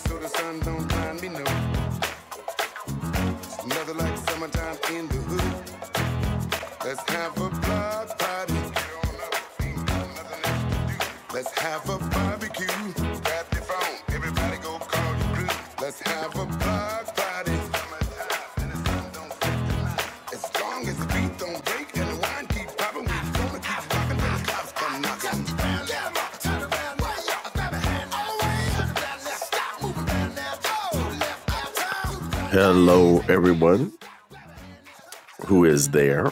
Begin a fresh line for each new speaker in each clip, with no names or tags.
so no. like Hello, everyone who is there.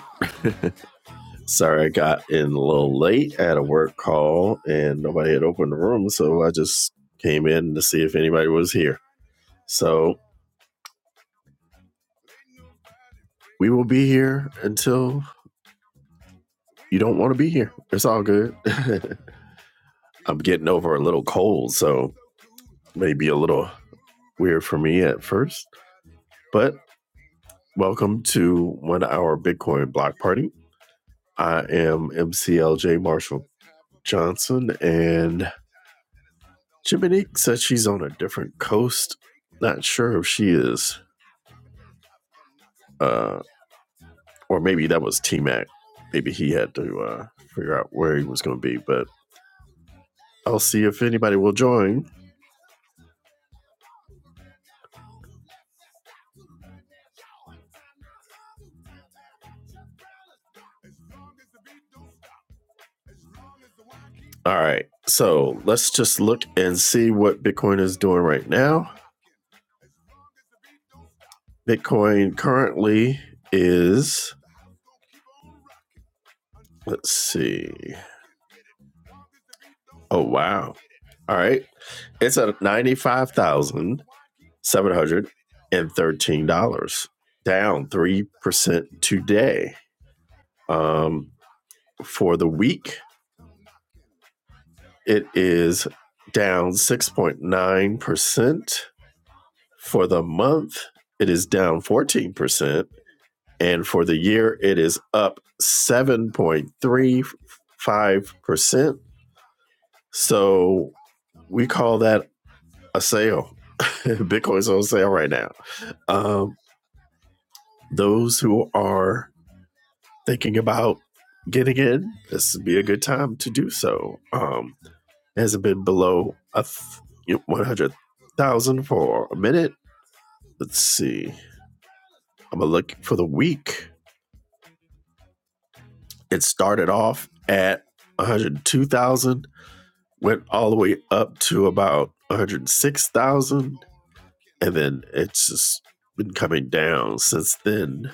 Sorry, I got in a little late at a work call and nobody had opened the room, so I just came in to see if anybody was here. So we will be here until you don't want to be here. It's all good. I'm getting over a little cold, so maybe a little weird for me at first, but welcome to one hour Bitcoin block party. I am MCLJ Marshall Johnson, and Jiminique said she's on a different coast. Not sure if she is uh, or maybe that was T Mac. Maybe he had to uh, figure out where he was going to be, but I'll see if anybody will join. All right, so let's just look and see what Bitcoin is doing right now. Bitcoin currently is, let's see. Oh, wow. All right, it's at $95,713, down 3% today. Um, for the week, It is down 6.9% for the month. It is down 14%. And for the year, it is up 7.35%. So we call that a sale. Bitcoin's on sale right now. Um, those who are thinking about getting in, this would be a good time to do so. Um, it hasn't been below a th- 100,000 for a minute. Let's see. I'm gonna look for the week. It started off at 102,000, went all the way up to about 106,000, and then it's just been coming down since then,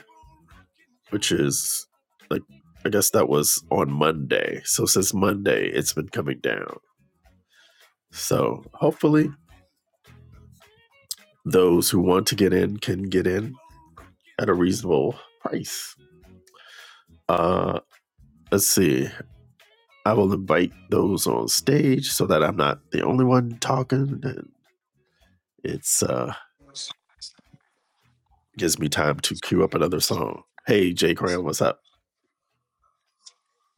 which is like I guess that was on Monday. So since Monday, it's been coming down. So hopefully, those who want to get in can get in at a reasonable price. Uh, let's see. I will invite those on stage so that I'm not the only one talking. And it's uh, gives me time to queue up another song. Hey, Jay Cram, what's up?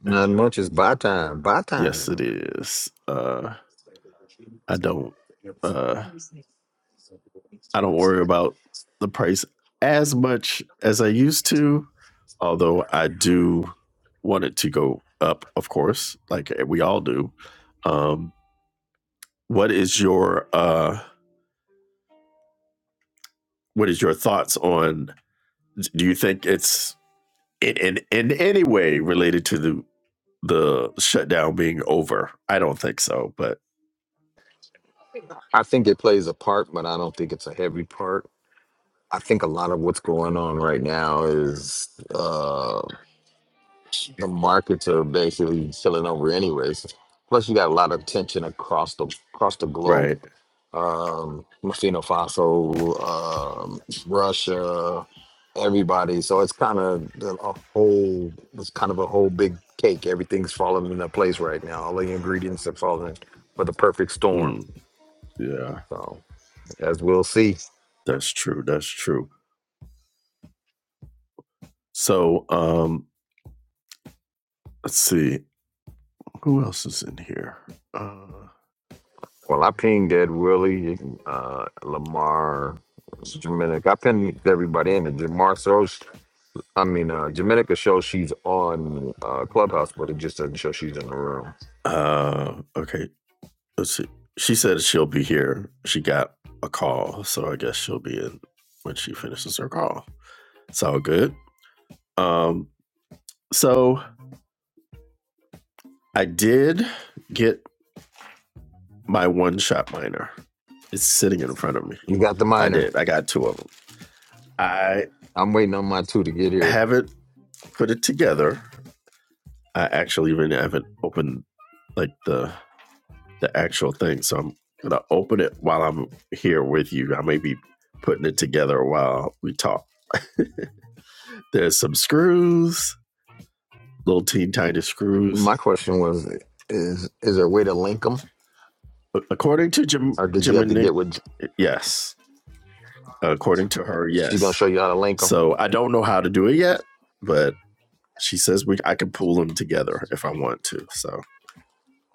Not much. It's buy time. Buy
Yes, it
time.
is. Uh, I don't. Uh, I don't worry about the price as much as I used to. Although I do want it to go up, of course, like eh, we all do. Um, what is your uh, What is your thoughts on? Do you think it's in, in in any way related to the the shutdown being over. I don't think so, but
I think it plays a part, but I don't think it's a heavy part. I think a lot of what's going on right now is uh, the markets are basically filling over anyways. Plus, you got a lot of tension across the across the globe.
right.
Um, Burkina Faso, um, Russia, everybody. So it's kind of a whole. It's kind of a whole big cake. Everything's falling into place right now. All the ingredients are falling for the perfect storm.
Mm, yeah,
So as we'll see.
that's true. That's true. So, um, let's see who else is in here. Uh,
Well, I pinged Ed Willie, uh, Lamar, Dominic. I pinged everybody in. And Jamar Soch I mean, uh, Jamaica shows she's on uh, Clubhouse, but it just doesn't show she's in the room.
uh, okay. Let's see. She said she'll be here. She got a call, so I guess she'll be in when she finishes her call. It's all good. Um, so I did get my one shot miner. It's sitting in front of me.
You got the
I
minor.
did. I got two of them. I
I'm waiting on my two to get here.
haven't put it together. I actually even haven't opened like the the actual thing. So I'm gonna open it while I'm here with you. I may be putting it together while we talk. There's some screws, little teeny tiny screws.
My question was: Is is there a way to link them,
According to Jim
or did you
Jim
have
and
to
Nick,
get with?
yes. According to her,
She gonna
yes.
show you how to link them?
So I don't know how to do it yet, but she says we I can pull them together if I want to. So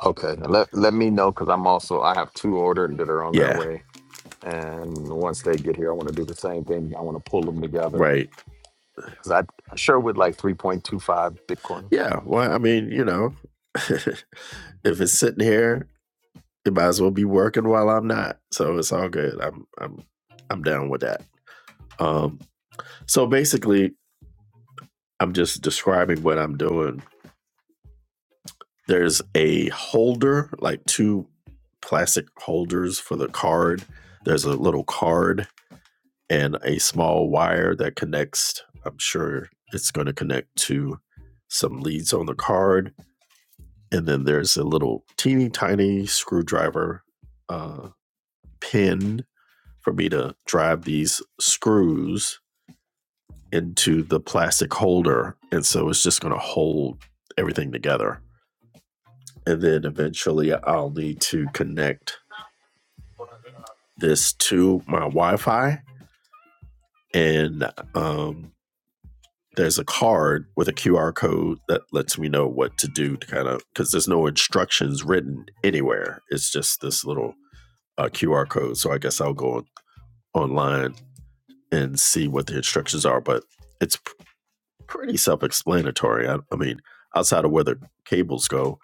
Okay, let let me know because I'm also I have two ordered that are on their
yeah,
way, and once they get here, I want to do the same thing. I want to pull them together
right.
because I I sure would like 3.25 Bitcoin.
Yeah, well, I mean, you know, if it's sitting here, it might as well be working while I'm not. So it's all good. I'm I'm I'm down with that. Um so basically I'm just describing what I'm doing. There's a holder, like two plastic holders for the card. There's a little card and a small wire that connects, I'm sure it's going to connect to some leads on the card and then there's a little teeny tiny screwdriver uh, pin for me to drive these screws into the plastic holder, and so it's just going to hold everything together. And then eventually, I'll need to connect this to my Wi-Fi, and um, there's a card with a QR code that lets me know what to do to kind of because there's no instructions written anywhere. It's just this little uh, QR code. So I guess I'll go online and see what the instructions are, but it's p- pretty self explanatory. I, I mean, outside of where the cables go,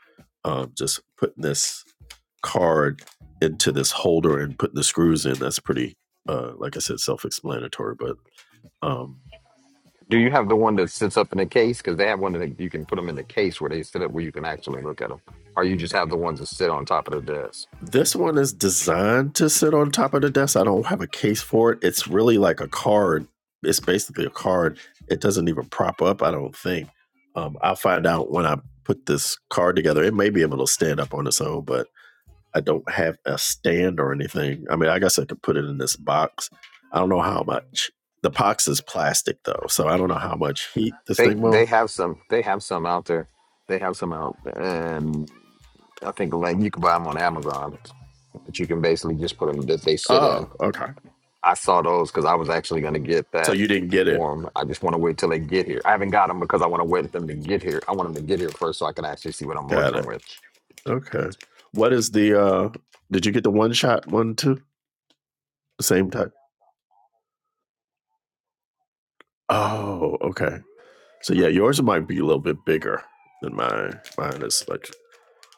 um, just putting this card into this holder and putting the screws in, that's pretty, uh, like I said, self explanatory. But um,
Do you have the one that sits up in a case? Because they have one that you can put them in the case where they sit up, where you can actually look at them. Or you just have the ones that sit on top of the desk.
This one is designed to sit on top of the desk. I don't have a case for it. It's really like a card. It's basically a card. It doesn't even prop up, I don't think. Um, I'll find out when I put this card together. It may be able to stand up on its own, but I don't have a stand or anything. I mean, I guess I could put it in this box. I don't know how much. The box is plastic, though, so I don't know how much heat this
They
thing will.
they have some. They have some out there. They have some out, and I think like you can buy them on Amazon. But you can basically just put them that they sit in.
Oh, okay.
I saw those because I was actually going to get
So
that
you didn't get it.
for 'em. I just want to wait till they get here. I haven't got them because I want to wait for them to get here. I want them to get here first so I can actually see what I'm
Got it.
working with.
Okay. What is the uh did you get the one shot one too? The same type. Oh, okay. So yeah, yours might be a little bit bigger than mine. Mine is like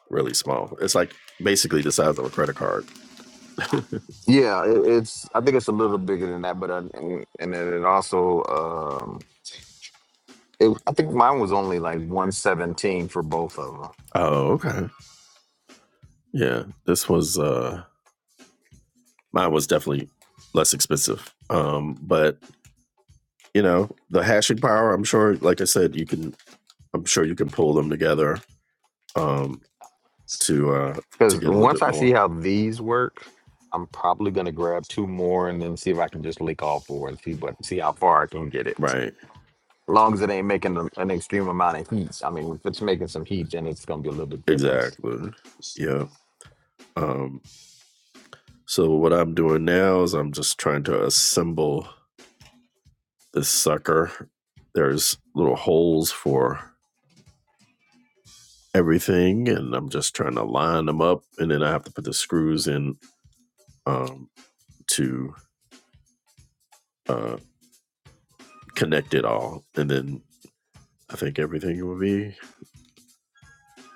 really small. It's like basically the size of a credit card.
Yeah, it, it's. I think it's a little bigger than that, but uh, and, and then it also. Um, it, I think mine was only like one seventeen for both of them.
Oh, okay. Yeah. This was uh mine was definitely less expensive. Um, but you know, the hashing power, I'm sure, like I said, you can I'm sure you can pull them together um to uh to
Because
get a little
once
bit
I see
more.
how these work, I'm probably gonna grab two more and then see if I can just lick all four and see what see how far I can get it. As
Right.
long as it ain't making an an extreme amount of heat. I mean, if it's making some heat, then it's gonna be a little bit different.
Exactly. Yeah. Um, so what I'm doing now is I'm just trying to assemble this sucker. There's little holes for everything, and I'm just trying to line them up, and then I have to put the screws in um, to uh, connect it all, and then I think everything will be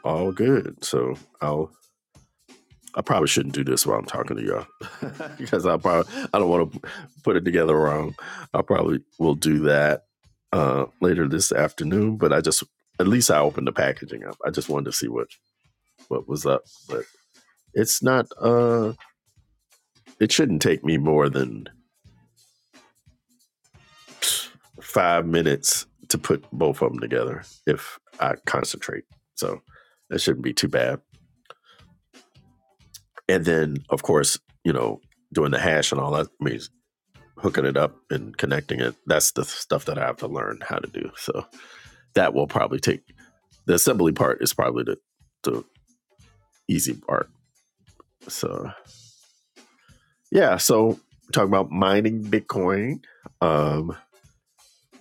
all good. So I'll I probably shouldn't do this while I'm talking to y'all because I probably I don't want to put it together wrong. I probably will do that uh, later this afternoon, but I just at least I opened the packaging up. I just wanted to see what what was up, but it's not. Uh, it shouldn't take me more than five minutes to put both of them together if I concentrate. So that shouldn't be too bad. And then, of course, you know, doing the hash and all that. means. hooking it up and connecting it. That's the stuff that I have to learn how to do. So that will probably take the assembly part is probably the, the easy part. So yeah, so talking about mining Bitcoin, um,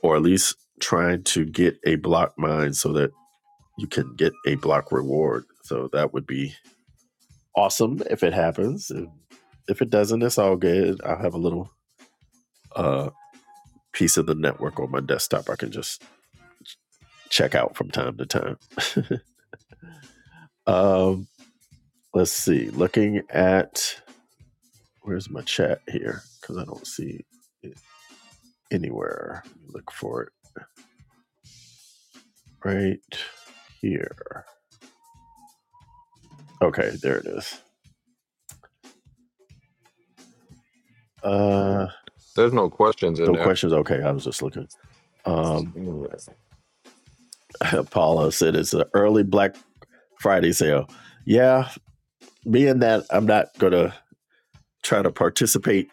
or at least trying to get a block mine so that you can get a block reward. So that would be awesome if it happens. if it doesn't, it's all good. I'll have a little uh piece of the network on my desktop I can just check out from time to time. Um, let's see. Looking at where's my chat here because I don't see it anywhere. Look for it right here. Okay, there it is. Uh,
There's no questions in
no
there.
questions. Okay, I was just looking. Um, Paula said it's an early Black Friday sale. Yeah, being that I'm not gonna try to participate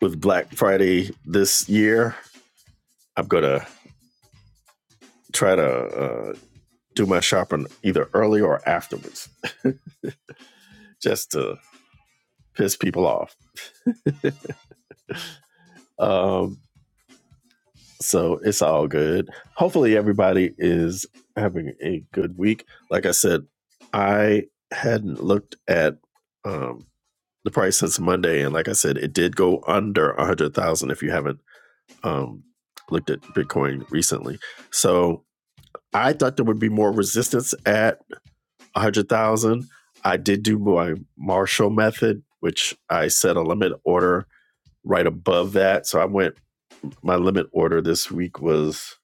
with Black Friday this year, I'm gonna try to uh, do my shopping either early or afterwards just to piss people off. Um, so it's all good. Hopefully, everybody is having a good week. Like I said, I hadn't looked at um, the price since Monday, and like I said, it did go under a hundred thousand. If you haven't um, looked at Bitcoin recently, so I thought there would be more resistance at a hundred thousand. I did do my Marshall method, which I set a limit order right above that, so I went My limit order this week was,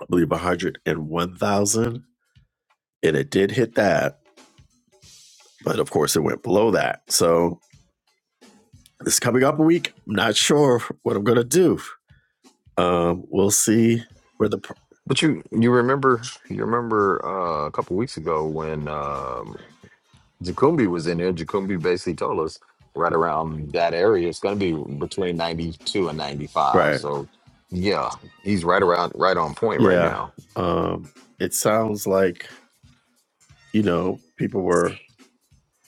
I believe, 101,000, and it did hit that, but of course it went below that. So it's coming up a week. I'm not sure what I'm gonna do. Um, we'll see where the
But you you remember you remember uh, a couple weeks ago when. um, Jacumbi was in there. Jacumbi basically told us right around that area, it's going to be between 92 and 95.
right,
So, yeah, he's right around, right on point right
yeah.
now.
Um, it sounds like you know people were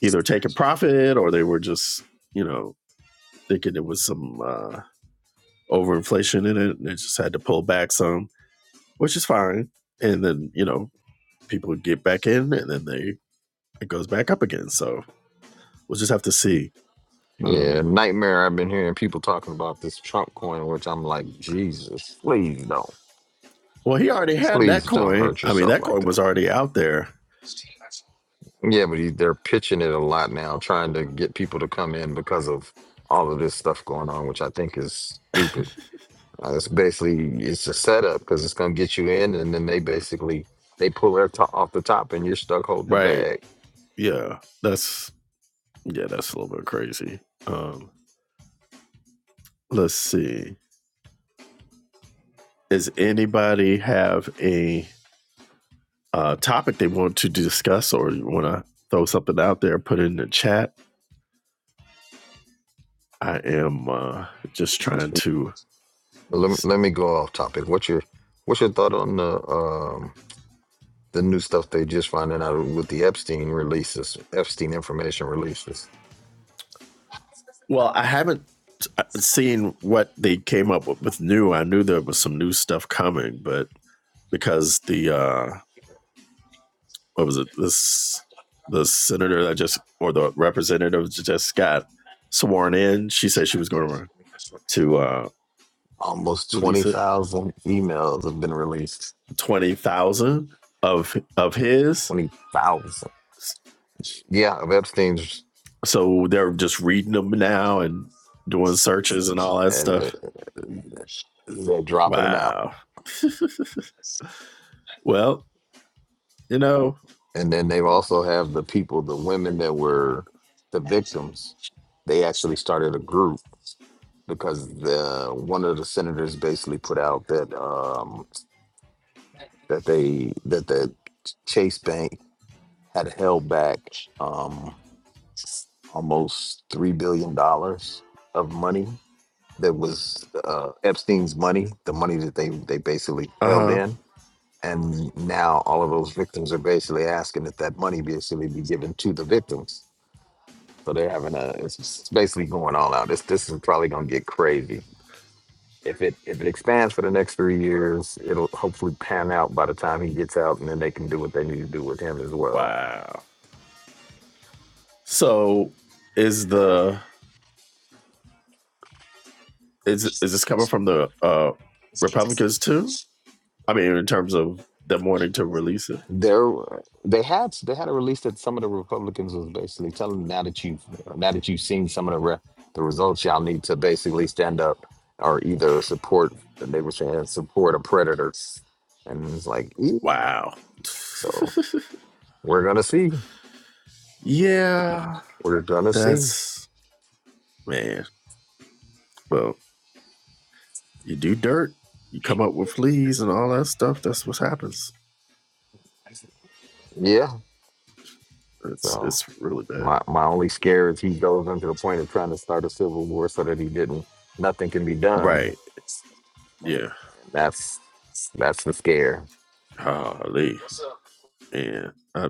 either taking profit or they were just you know thinking it was some uh, overinflation in it, and they just had to pull back some, which is fine. And then you know people get back in and then they it goes back up again. So we'll just have to see.
Yeah,
Um,
nightmare. I've been hearing people talking about this Trump coin, which I'm like, Jesus, please don't.
well, he already had that
Please don't
coin.
hurt
I mean,
yourself
that
like
coin was
that.
already out there,
Yeah, but he, they're pitching it a lot now, trying to get people to come in because of all of this stuff going on, which I think is stupid. Uh, it's basically it's a setup because it's gonna get you in, and then they basically they pull their top off the top, and you're stuck holding the
right?
bag.
Yeah, that's yeah, that's a little bit crazy. Um, let's see. Does anybody have a uh, topic they want to discuss or you want to throw something out there? Put it in the chat. I am uh, just trying to.
Let me, let me go off topic. What's your what's your thought on the um the new stuff they just finding out with the Epstein releases, Epstein information releases?
Well, I haven't seeing what they came up with, with new, I knew there was some new stuff coming, but because the uh what was it this the senator that just or the representative just got sworn in, she said she was going to to uh
Almost
release
twenty
it
thousand emails have been released.
twenty thousand of of his.
Twenty thousand. Yeah, of Epstein's,
So they're just reading them now and doing searches and all that
and uh,
stuff.
they're dropping them out,
Wow. Well, you know,
and then they also have the people, the women that were. the victims, they actually started a group because the one of the senators basically put out that um they that the Chase Bank had held back um almost three billion dollars of money that was uh, Epstein's money, the money that they they basically
uh
held
huh.
in. And now all of those victims are basically asking that that money basically be given to the victims. So they're having a, it's it's basically going all out. This this is probably gonna get crazy. If it if it expands for the next three years, it'll hopefully pan out by the time he gets out, and then they can do what they need to do with him as well.
Wow. So is the is is this coming from the uh, Republicans too? I mean, in terms of them wanting to release it.
There, they had they had a release that some of the Republicans was basically telling them now that you have now that you've seen some of the re- the results, y'all need to basically stand up or either support. They were saying support a predator, and it's like, "Eh."
Wow.
so we're gonna see,
yeah,
we're gonna see,
that's man. Well, you do dirt, you come up with fleas and all that stuff. That's what happens.
yeah.
It's
so.
it's really bad.
My my only scare is he goes into the point of trying to start a civil war so that he didn't nothing can be done.
Right. Yeah.
That's that's the scare.
holy Yeah. Uh,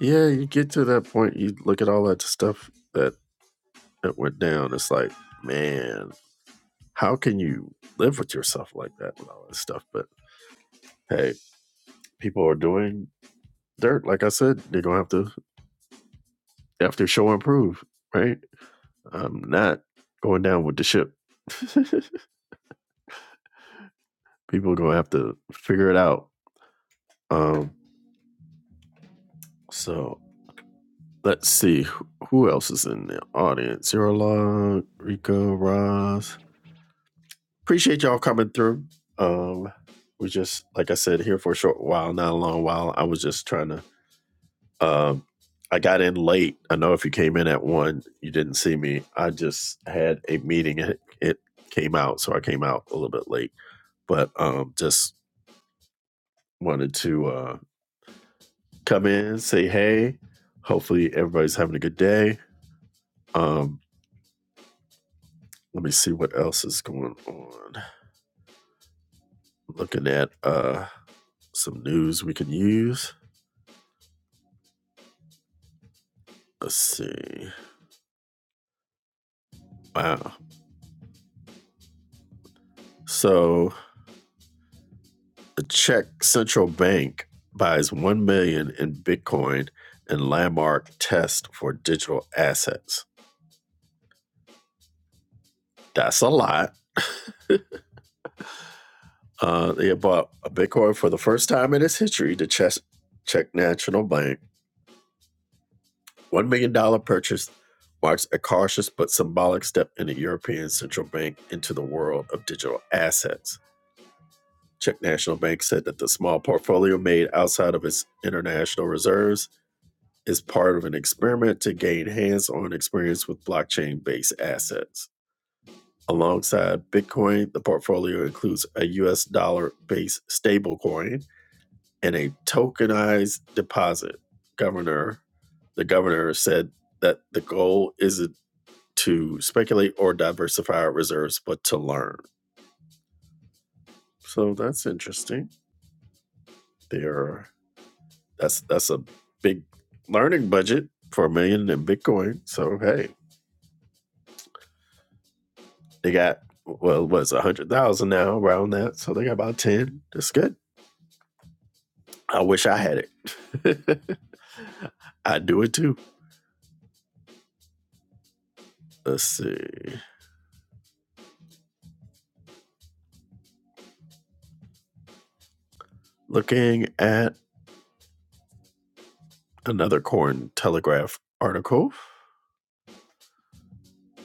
yeah. You get to that point. You look at all that stuff that that went down. It's like, man, how can you live with yourself like that and all that stuff? But hey, people are doing dirt. Like I said, they're gonna have to they have to show and prove, right? I'm not going down with the ship. People are gonna have to figure it out. Um, so let's see who- else is in the audience. Zero Log, Rico, Roz. Appreciate y'all coming through. Um, we just like I said here for a short while, not a long while. I was just trying to Um, I got in late. I know if you came in at one, you didn't see me. I just had a meeting. It, it came out, so I came out a little bit late. But um, just wanted to uh, come in, say hey. Hopefully, everybody's having a good day. Um, let me see what else is going on. Looking at uh, some news we can use. Let's see. Wow. So The Czech central bank buys 1 million dollars in Bitcoin in landmark test for digital assets. That's a lot. Uh, they bought a Bitcoin for the first time in its history. The Czech, Czech National Bank $1 million dollars purchase marks a cautious but symbolic step in the European Central Bank into the world of digital assets. Czech National Bank said that the small portfolio made outside of its international reserves is part of an experiment to gain hands on experience with blockchain based assets. Alongside Bitcoin, the portfolio includes a US dollar based stablecoin and a tokenized deposit. Governor, the governor said that the goal isn't to speculate or diversify our reserves, but to learn. So that's interesting. There, that's that's a big learning budget for a million in Bitcoin. So hey, They got well, what's a hundred thousand now around that? So they got about ten. That's good. I wish I had it. I'd do it too. Let's see. Looking at another Corn Telegraph article.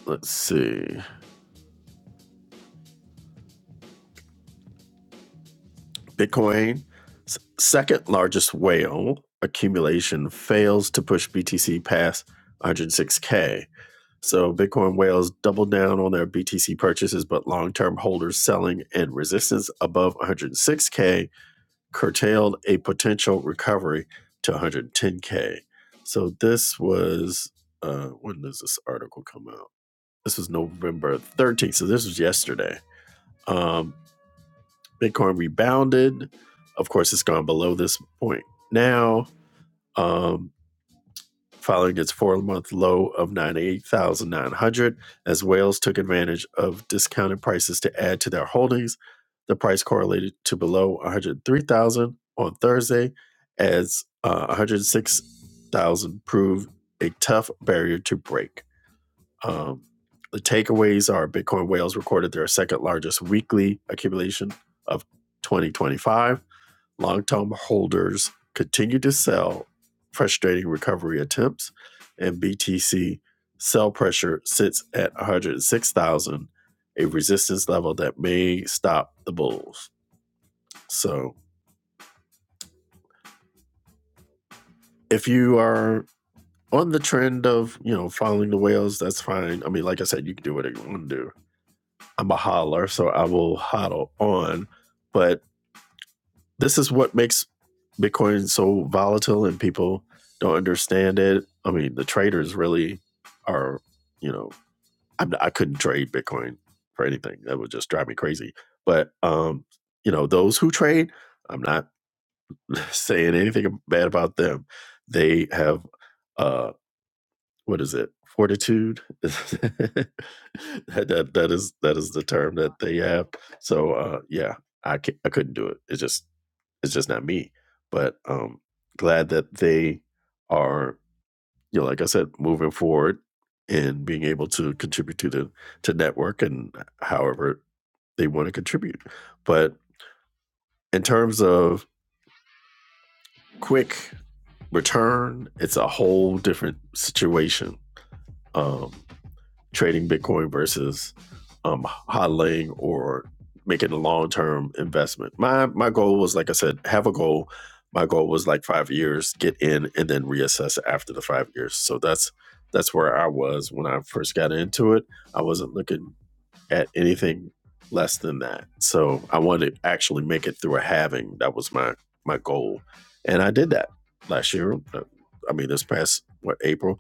Let's see. Bitcoin, second largest whale accumulation fails to push BTC past 106K. So Bitcoin whales doubled down on their BTC purchases, but long term holders selling and resistance above 106K curtailed a potential recovery to 110K. So this was, uh, when does this article come out? This was November 13th. So this was yesterday. Um, Bitcoin rebounded. Of course, it's gone below this point now. Um, following its four month low of 98,900 as whales took advantage of discounted prices to add to their holdings. The price correlated to below 103,000 on Thursday as uh, 106,000 proved a tough barrier to break. Um, the takeaways are Bitcoin whales recorded their second largest weekly accumulation of 2025 Long-term holders continue to sell, frustrating recovery attempts, and BTC sell pressure sits at 106,000, a resistance level that may stop the bulls. So, if you are on the trend of, you know, following the whales, that's fine. I mean, like I said, you can do whatever you want to do. I'm a hodler, so I will hodl on, but this is what makes Bitcoin so volatile and people don't understand it. I mean, the traders really are, you know, I'm, I couldn't trade Bitcoin for anything. That would just drive me crazy. But, um, you know, those who trade, I'm not saying anything bad about them. They have, uh, what is it? Fortitude. that, that that is that is the term that they have. So uh, yeah, I can not I couldn't do it. It just it's just not me. But um glad that they are, you know, like I said, moving forward and being able to contribute to the to network and however they want to contribute. But in terms of quick return, it's a whole different situation. Um trading Bitcoin versus um, hodling or making a long term investment. My my goal was like I said, have a goal. My goal was like five years, get in and then reassess after the five years. So that's that's where I was when I first got into it. I wasn't looking at anything less than that. So I wanted to actually make it through a halving. That was my my goal, and I did that last year. Uh, I mean, this past what April,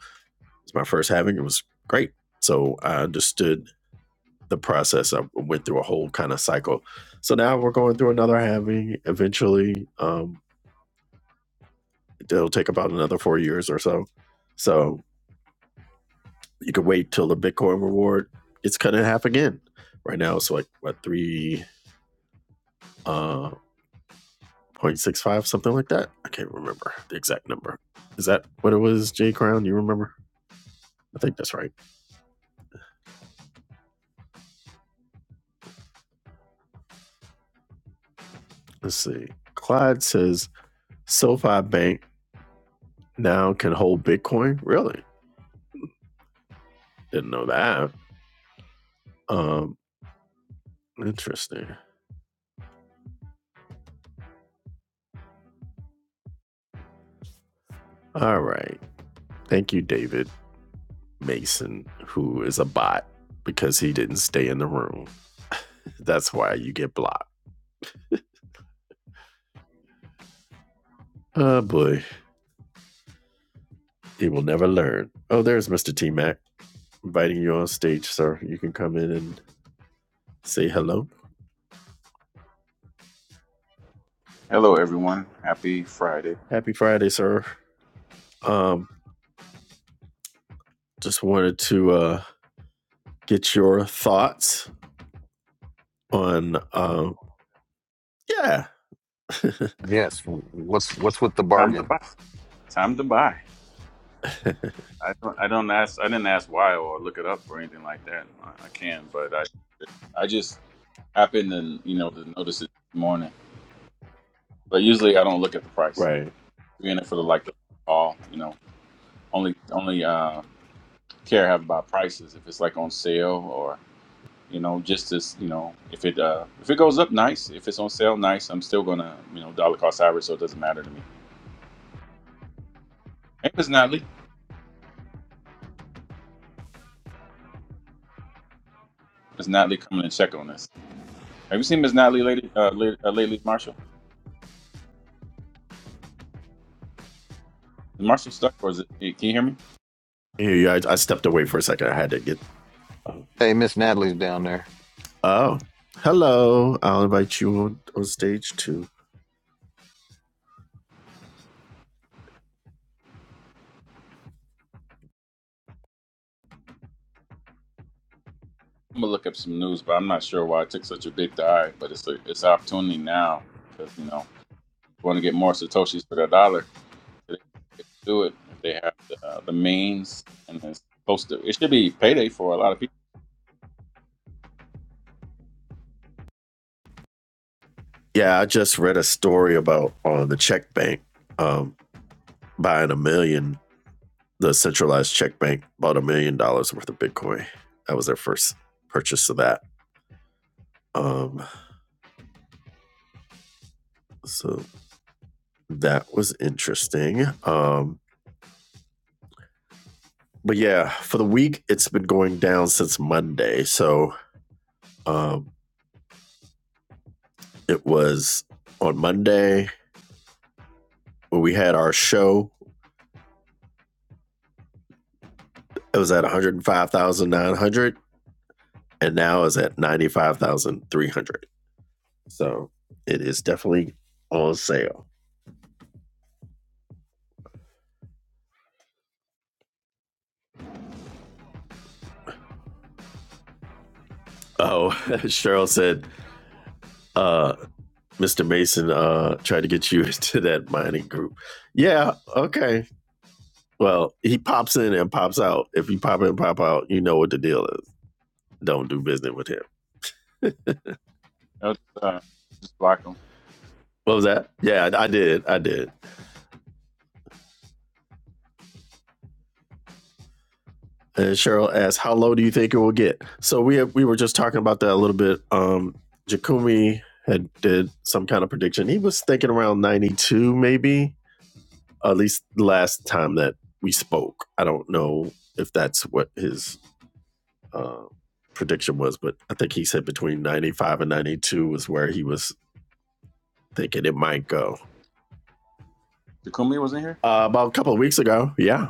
it's my first having. It was great. So I understood the process. I went through a whole kind of cycle. So now we're going through another having eventually. Um, it'll take about another four years or so. So you could wait till the Bitcoin reward it's cut in half again. Right now it's like what three uh 0.65 something like that. I can't remember the exact number. Is that what it was, J Crown? You remember? I think that's right. Let's see. Clyde says SoFi Bank now can hold Bitcoin. Really? Didn't know that. Um, interesting. All right. Thank you, David Mason, who is a bot because he didn't stay in the room. That's why you get blocked. Oh boy, he will never learn. Oh, there's Mr. T Mac inviting you on stage, sir. You can come in and say hello.
Hello, everyone. Happy Friday.
Happy Friday, sir. Um, just wanted to uh, get your thoughts on, um, yeah,
Yes. w- What's what's with the
Time to
bargain?
buy. Time to buy. I don't. I don't ask. I didn't ask why or look it up or anything like that. I, I can, but I. I just happened to you know to notice it this morning. But usually I don't look at the price.
right.
Being it for the like the call, you know, only only uh, care I have about prices if it's like on sale or you know just as you know if it uh, if it goes up nice if it's on sale nice I'm still gonna you know dollar cost average so it doesn't matter to me. Hey, Miss Natalie, Miss Natalie coming and check on us. Have you seen Miss Natalie lately, uh, lately, uh, lately Marshall? Is Marshall stuck or is it, hey, can you hear me?
Here you I stepped away for a second. I had to get.
Hey, Miss Natalie's down there.
Oh, hello. I'll invite you on, on stage too.
I'm gonna look up some news, but I'm not sure why it took such a big dive. But it's a, it's an opportunity now because you know want to get more satoshis for their dollar. They can do it if they have the, uh, the means and it's close to. It should be payday for a lot of people.
Yeah, I just read a story about uh, the check bank um, buying a million. The centralized check bank bought a million dollars worth of Bitcoin. That was their first purchase of that. Um, so that was interesting. Um, but yeah, for the week, it's been going down since Monday. So um, it was on Monday when we had our show It was at 105,900 and now is at 95,300. So it is definitely on sale. Oh, Cheryl said, uh, Mr. Mason uh, tried to get you into that mining group. Yeah, okay. Well, he pops in and pops out. If you pop in and pop out, you know what the deal is. Don't do business with him.
You know, just, uh, just block them.
What was that? Yeah, I, I did. I did. And Cheryl asks, "How low do you think it will get?" So we have, we were just talking about that a little bit. Um, Jakumi had did some kind of prediction. He was thinking around ninety two, maybe at least last time that we spoke. I don't know if that's what his uh, prediction was, but I think he said between ninety five and ninety two was where he was thinking it might go.
Takumi was in here.
Uh, about a couple of weeks ago, yeah,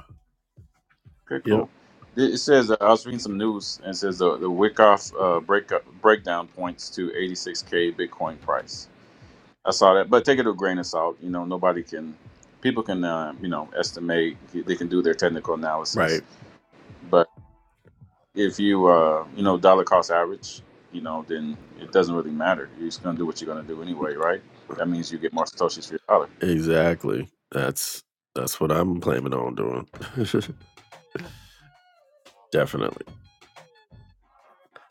Okay,
yep,
cool. It it says uh, I was reading some news and it says uh, the Wickoff uh, break breakdown points to 86k Bitcoin price. I saw that, but take it with a grain of salt. You know, nobody can, people can, uh, you know, estimate. They can do their technical
right.
analysis, but if you, uh, you know, dollar cost average, you know, then it doesn't really matter. You're just gonna do what you're gonna do anyway, right? That means you get more satoshis for your dollar.
Exactly. That's that's what I'm planning on doing. Definitely.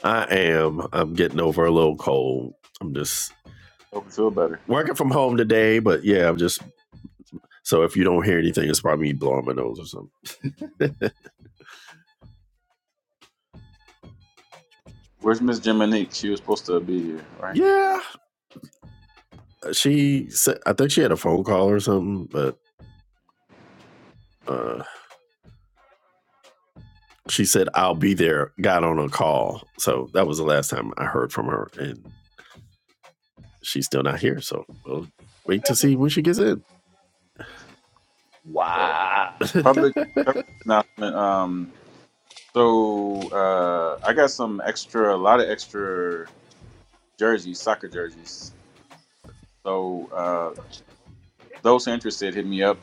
I am. I'm getting over a little cold. I'm just
Hope you feel better.
working from home today, but yeah, I'm just so if you don't hear anything, it's probably me blowing my nose or something.
Where's Miss Jiminique? She was supposed to be here, right?
yeah. uh, She said I think she had a phone call or something, but uh, she said I'll be there, got on a call. So that was the last time I heard from her and she's still not here. So we'll wait to see when she gets in.
Uh, public service announcement. Um, so uh, I got some extra, a lot of extra jerseys, soccer jerseys. So. uh, those interested, hit me up.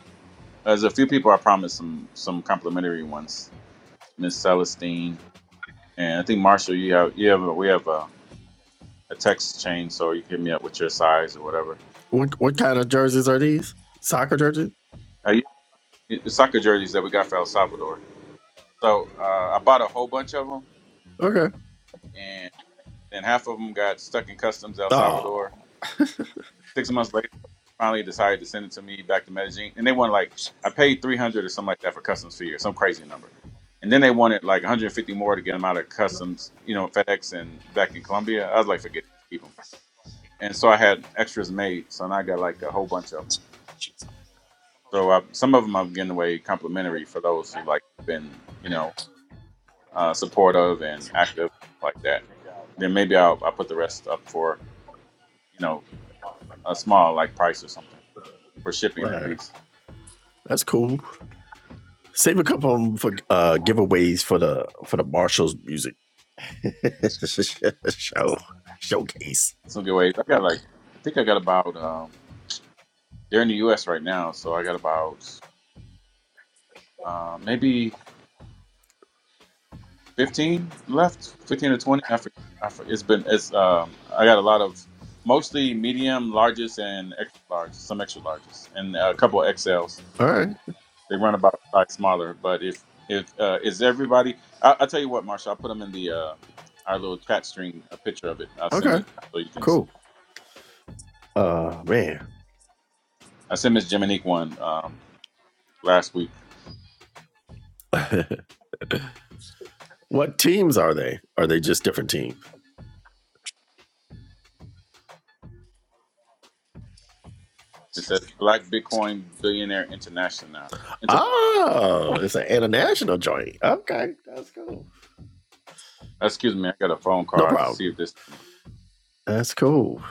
There's a few people I promised some some complimentary ones. Miss Celestine and I think Marshall, you have you have a, we have a, a text chain, so you can hit me up with your size or whatever.
What what kind of jerseys are these? Soccer jerseys?
Uh, you- the soccer jerseys that we got for El Salvador. So uh, I bought a whole bunch of them,
Okay.
and then half of them got stuck in customs El
Oh,
Salvador, Six months later, they finally decided to send it to me back to Medellin, and they wanted like I paid three hundred or something like that for customs fee or some crazy number, and then they wanted like one hundred fifty more to get them out of customs, you know, FedEx and back in Colombia. I was like, forget it, just keep them. And so I had extras made, so now I got like a whole bunch of them. So I, some of them I'm giving away complimentary for those who like been, you know, uh, supportive and active stuff like that. Then maybe I'll, I'll put the rest up for, you know, a small like price or something for shipping at
right.
least.
That's cool. Save a couple of them for uh, giveaways for the for the Marshall's music show showcase.
some good ways. I got like I think I got about um they're in the US right now, so I got about uh, maybe fifteen left, fifteen to twenty. I forget. I forget. It's been it's um I got a lot of mostly medium, largest, and extra large, some extra largest, and a couple of XLs.
All right.
They run about a size smaller, but if if uh, is everybody, I, I'll tell you what, Marsha, I'll put them in the uh, our little chat string a picture of it. I'll send
Okay.
it so you can see.
Cool. Uh man.
I sent Miss Jiminique one um, last week
what teams are they? Are they just different teams?
It says Black Bitcoin Billionaire International. now. Inter-
Oh, it's an international joint. Okay, that's cool.
Excuse me, I got a phone
No
call to see
problem.
if this.
That's cool.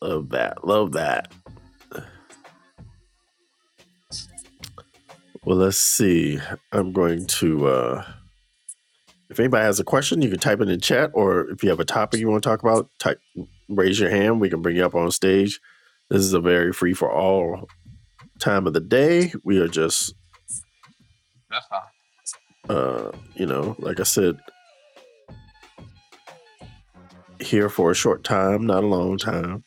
Love that. Love that. Well, let's see. I'm going to uh If anybody has a question, you can type in the chat, or if you have a topic you want to talk about, type raise your hand. We can bring you up on stage. This is a very free for all time of the day. We are just, uh, you know, like I said, here for a short time, not a long time.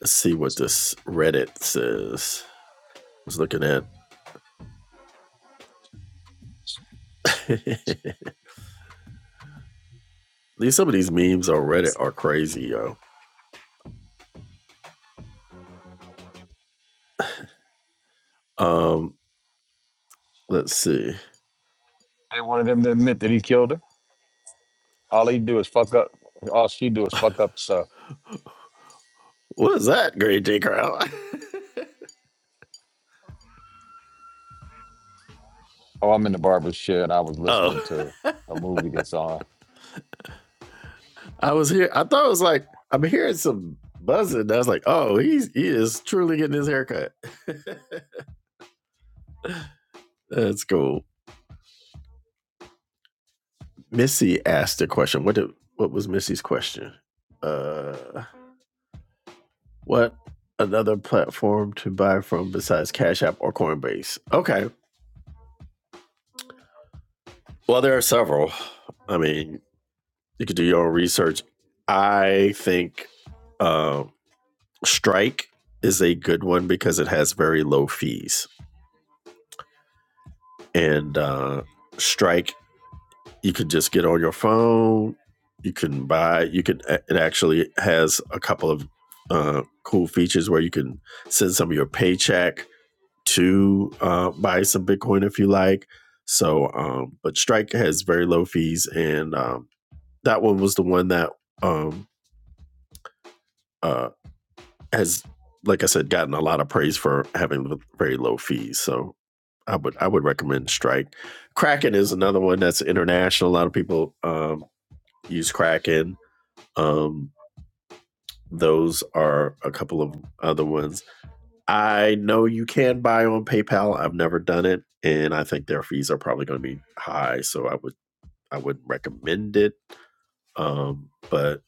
Let's see what this Reddit says. I was looking at these. Some of these memes on Reddit are crazy, yo. Um, let's see.
They wanted him to admit that he killed her. All he do is fuck up. All she do is fuck up stuff.
What is that, Great J Crowd?
Oh, I'm in the barber shed. I was listening
oh.
to a movie that's on.
I was here. I thought it was like I'm hearing some buzzing. I was like, oh, he's he is truly getting his haircut. That's cool. Missy asked a question. What did what was Missy's question? Uh, what another platform to buy from besides Cash App or Coinbase? Okay. Well, there are several. I mean, you could do your own research. I think uh, Strike is a good one because it has very low fees, and uh, Strike you could just get on your phone. You can buy. You could. It actually has a couple of uh, cool features where you can send some of your paycheck to uh, buy some Bitcoin if you like. So, um, but Strike has very low fees, and um, that one was the one that um, uh, has, like I said, gotten a lot of praise for having very low fees. So, I would I would recommend Strike. Kraken is another one that's international. A lot of people um, use Kraken. Um, those are a couple of other ones. I know you can buy on PayPal. I've never done it, and I think their fees are probably going to be high, so I would I wouldn't recommend it. Um, but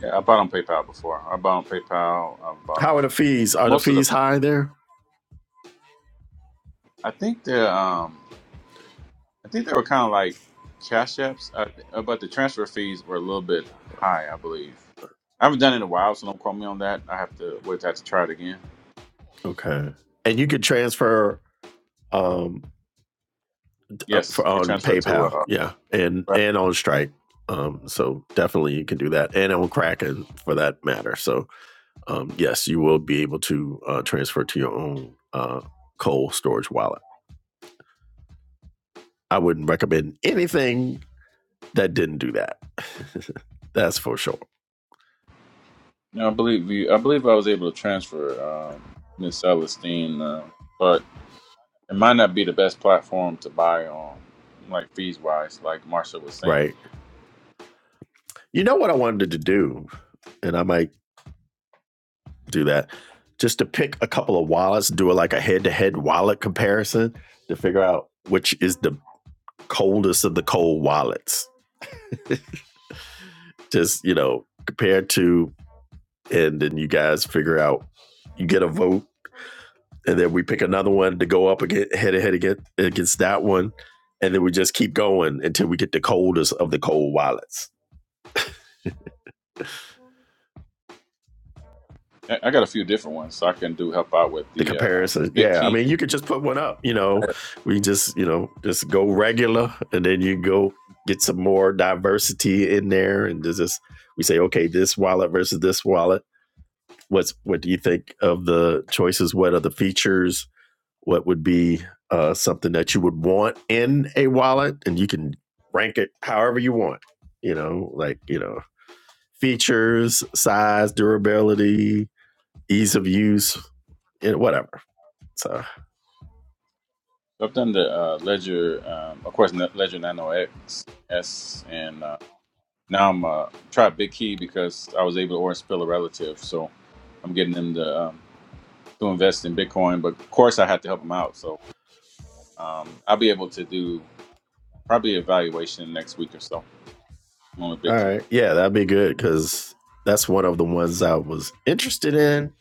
Yeah, I bought on PayPal before. I bought on PayPal. I bought
how are the
on
fees? Are the
most of the.
fees high there?
I think they're. Um, I think they were kind of like cash apps, I, th- uh, but the transfer fees were a little bit high, I believe. I haven't done it in a while, so don't quote me on that. I have to wait. I have to try it again.
Okay, and you can transfer um up
Yes,
for,
you can
on
transfer it to.
PayPal,
Uh,
yeah, and
right.
and on Stripe. Um, so definitely you can do that, and on Kraken for that matter. So um, yes, you will be able to uh, transfer to your own uh, cold storage wallet. I wouldn't recommend anything that didn't do that. That's for sure.
no, I believe you. I believe I was able to transfer um, Miss Celestine, uh, but It might not be the best platform to buy on, like fees wise, like Marsha was saying.
Right. You know what I wanted to do, and I might do that just to pick a couple of wallets, do a, like a head to head wallet comparison to figure out which is the coldest of the cold wallets. Just, you know, compared to, and then you guys figure out, you get a vote and then we pick another one to go up again, head to head again against that one, and then we just keep going until we get the coldest of the cold wallets.
I I got a few different ones, so I can do help out with
The
the uh,
comparison, yeah. I
BitKey.
mean, you could just put one up. You know,
I-
we just you know just go regular, and then you go get some more diversity in there, and just- just we say, okay, this wallet versus this wallet. What's what do you think of the choices? What are the features? what would be uh, something that you would want in a wallet and you can rank it however you want you know like you know features size durability ease of use and whatever so
I've done the uh, Ledger, um, of course, Ne- Ledger Nano X, S, and uh, now I'm uh, try BitKey because I was able to order spill a relative, so I'm getting them to um, to invest in Bitcoin. But of course, I had to help them out, so um, I'll be able to do probably evaluation next week or so on the
all
BitKey.
right yeah that'd be good because that's one of the ones i was interested in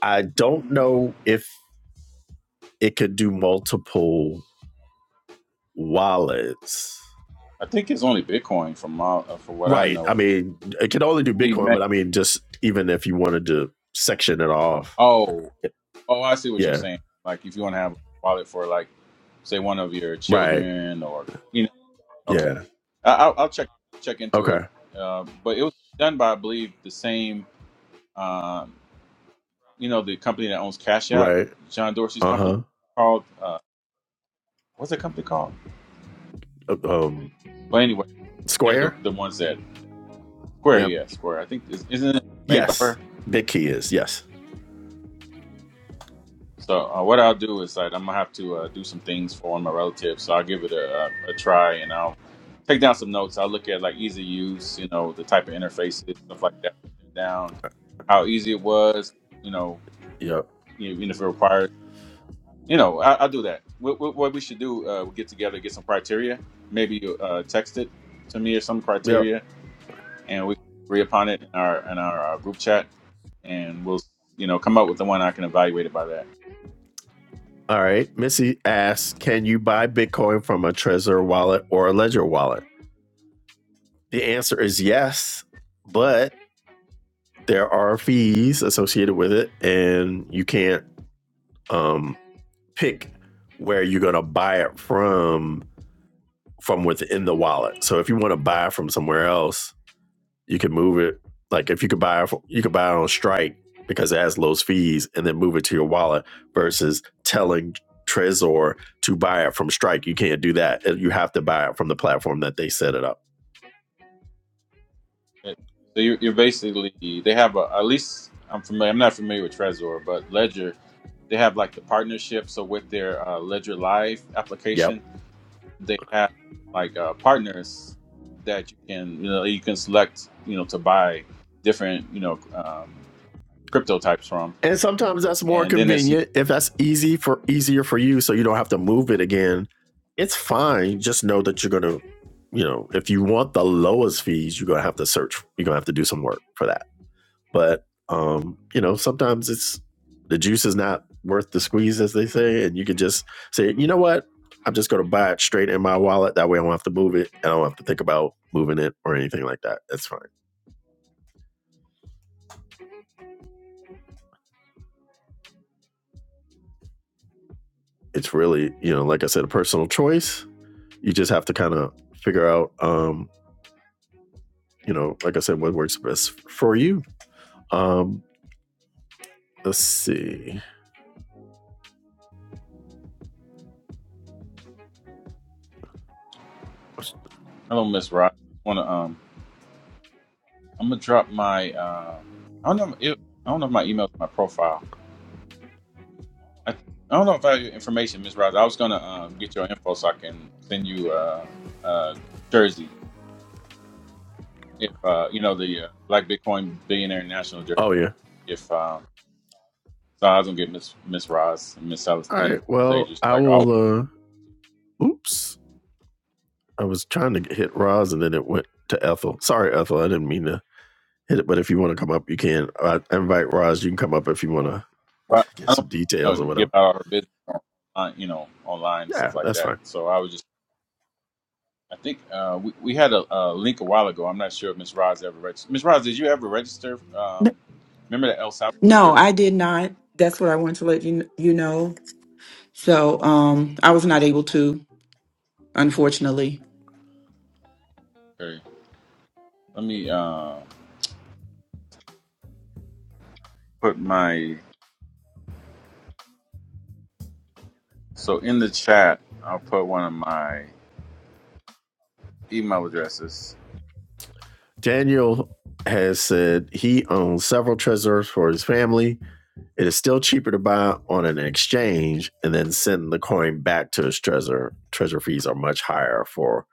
i don't know if it could do multiple wallets
I think it's only Bitcoin from my, uh, from what I
right i
know because
mean it could only do
he
bitcoin
may,
but i mean just even if you wanted to section it off
oh oh I see what you're
Yeah.
saying. Like if you want to have a wallet for like say one of your
Right.
children or you know okay,
Yeah.
I, I'll, I'll check check into it.
Okay.
Uh, but it was done by I believe the same um, you know the company that owns Cash App,
Right.
John Dorsey's company
Uh-huh.
called uh, what's the company called?
Uh huh. Um.
But anyway, they're the
Square.
the ones that Square
Yep.
yeah Square I think is, isn't it made by
Yes.
Square?
Big key is yes.
So uh, what I'll do is like, I'm gonna have to uh, do some things for one of my relatives. So I'll give it a, a, a try, and I'll take down some notes. I'll look at like easy use, you know, the type of interfaces, stuff like that. Write that down, how easy it was, you know,
Yep.
you even if it requires, you know, I, I'll do that. What, what, what we should do, uh, we get together, get some criteria. Maybe you, uh, text it to me or some
Yep.
criteria, and we can agree upon it in our in our, uh group chat, and we'll you know come up with the one I can evaluate it by that.
All right. Missy asks, "Can you buy Bitcoin from a Trezor wallet or a Ledger wallet?" The answer is yes, but there are fees associated with it, and you can't um, pick where you're gonna buy it from from within the wallet. So if you want to buy from somewhere else, You can move it like if you could buy you could buy it on Strike because it has low fees and then move it to your wallet versus telling Trezor to buy it from Strike. You can't do that. Uh, You have to buy it from the platform that they set it up.
Okay. So you're, you're basically they have a at least I'm familiar. I'm not familiar with Trezor, but Ledger they have like the partnership. So with their uh, Ledger Live
Yep.
application, they have like uh, partners that you can you know you can select you know to buy different you know um, crypto types from.
And sometimes that's more
And then it's
convenient if that's easy for easier for you, so you don't have to move it again. It's fine. Just know that you're gonna, you know, if you want the lowest fees, you're gonna have to search. You're gonna have to do some work for that. But um, you know, sometimes it's the juice is not worth the squeeze, as they say, and you can just say, you know what, I'm just going to buy it straight in my wallet. That way, I don't have to move it. and I don't have to think about moving it or anything like that. That's fine. It's really, you know, like I said, a personal choice. You just have to kind of figure out, um, you know, like I said, what works best for you. Um, let's see.
hello Miss Ross. Want to um I'm gonna drop my uh I don't know if, I don't know if my email's in my profile I, I don't know if I have your information, Miss Ross. I was gonna um, get your info so I can send you uh, uh, jersey if uh, you know the uh, Black Bitcoin Billionaire National
Oh
jersey.
yeah.
If uh, so, I was gonna get Miss Miss Ross and Miss
All
Celestine
right.
because they
Well,
just
I
like oh,
will. uh Oops. I was trying to hit Roz and then it went to Ethel. Sorry, Ethel, I didn't mean to hit it, but if you want to come up, you can. I invite Roz, you can come up if you want to
but
get
I
some
don't
details
you
or
know, give
whatever.
out our business on you know online and
Yeah,
stuff like
that's
that.
fine.
So I was just I think uh, we we had a, a link a while ago. I'm not sure if Miss Roz ever registered. Miss Roz, did you ever register? Um, remember the El Salvador
No,
trip?
I did not. That's what I wanted to let you you know. So um, I was not able to, unfortunately.
Okay, let me. Uh, put my so in the chat. I'll put one of my email addresses.
Daniel has said he owns several treasures for his family. It is still cheaper to buy on an exchange and then send the coin back to his treasure. Treasure fees are much higher for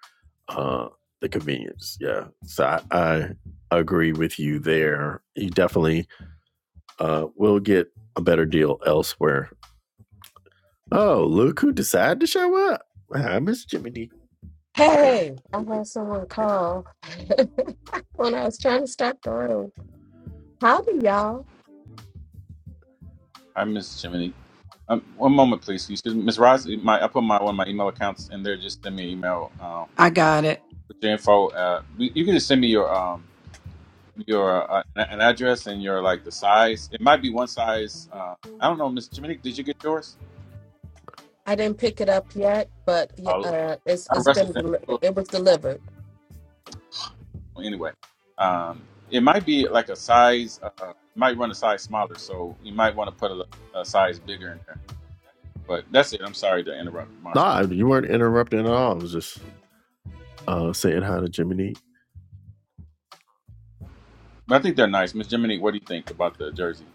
uh, the convenience. Yeah. So I, I agree with you there. You definitely Uh, we'll get a better deal elsewhere. Oh, look who decided to show up. Hi, Miss Jiminy.
Hey, I had someone call when I was trying to start the room. Howdy, y'all.
I miss Jiminy. Um, one moment, please. Excuse me, Miss Roz. My I put my one of my email accounts in there. Just send me an email um,
I got it.
with your info. Uh, you you can just send me your um your uh, an an address and your like the size. It might be one size. Uh, I don't know, Miss Jiminy. Did you get yours?
I didn't pick it up yet, but yeah,
I'll,
uh, it's
I
it's
wrestled
been
them.
deli-
Well,
it was delivered.
Anyway, um, it might be like a size. Uh, it might run a size smaller, so you might want to put a, a size bigger in there. But that's it. I'm sorry to interrupt, Marshall.
Nah, you weren't interrupting at all. I was just uh, saying hi to Jiminy.
But I think they're nice. Miss Jiminy, what do you think about the jersey?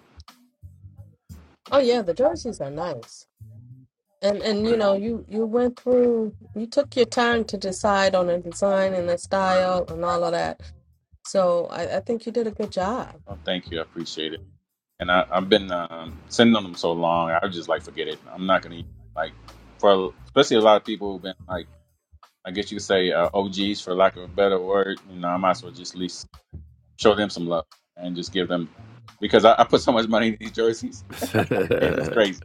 Oh yeah, the jerseys are nice, and and you know you you went through you took your time to decide on a design and a style and all of that. So I, I think you did a good job.
Oh, thank you. I appreciate it. And I, I've been um, sitting on them so long. I was just like, forget it. I'm not gonna even, like for especially a lot of people who've been like, I guess you could say uh, OGs for lack of a better word. You know, I might as well just at least show them some love and just give them because I, I put so much money in these jerseys. It's
but
crazy.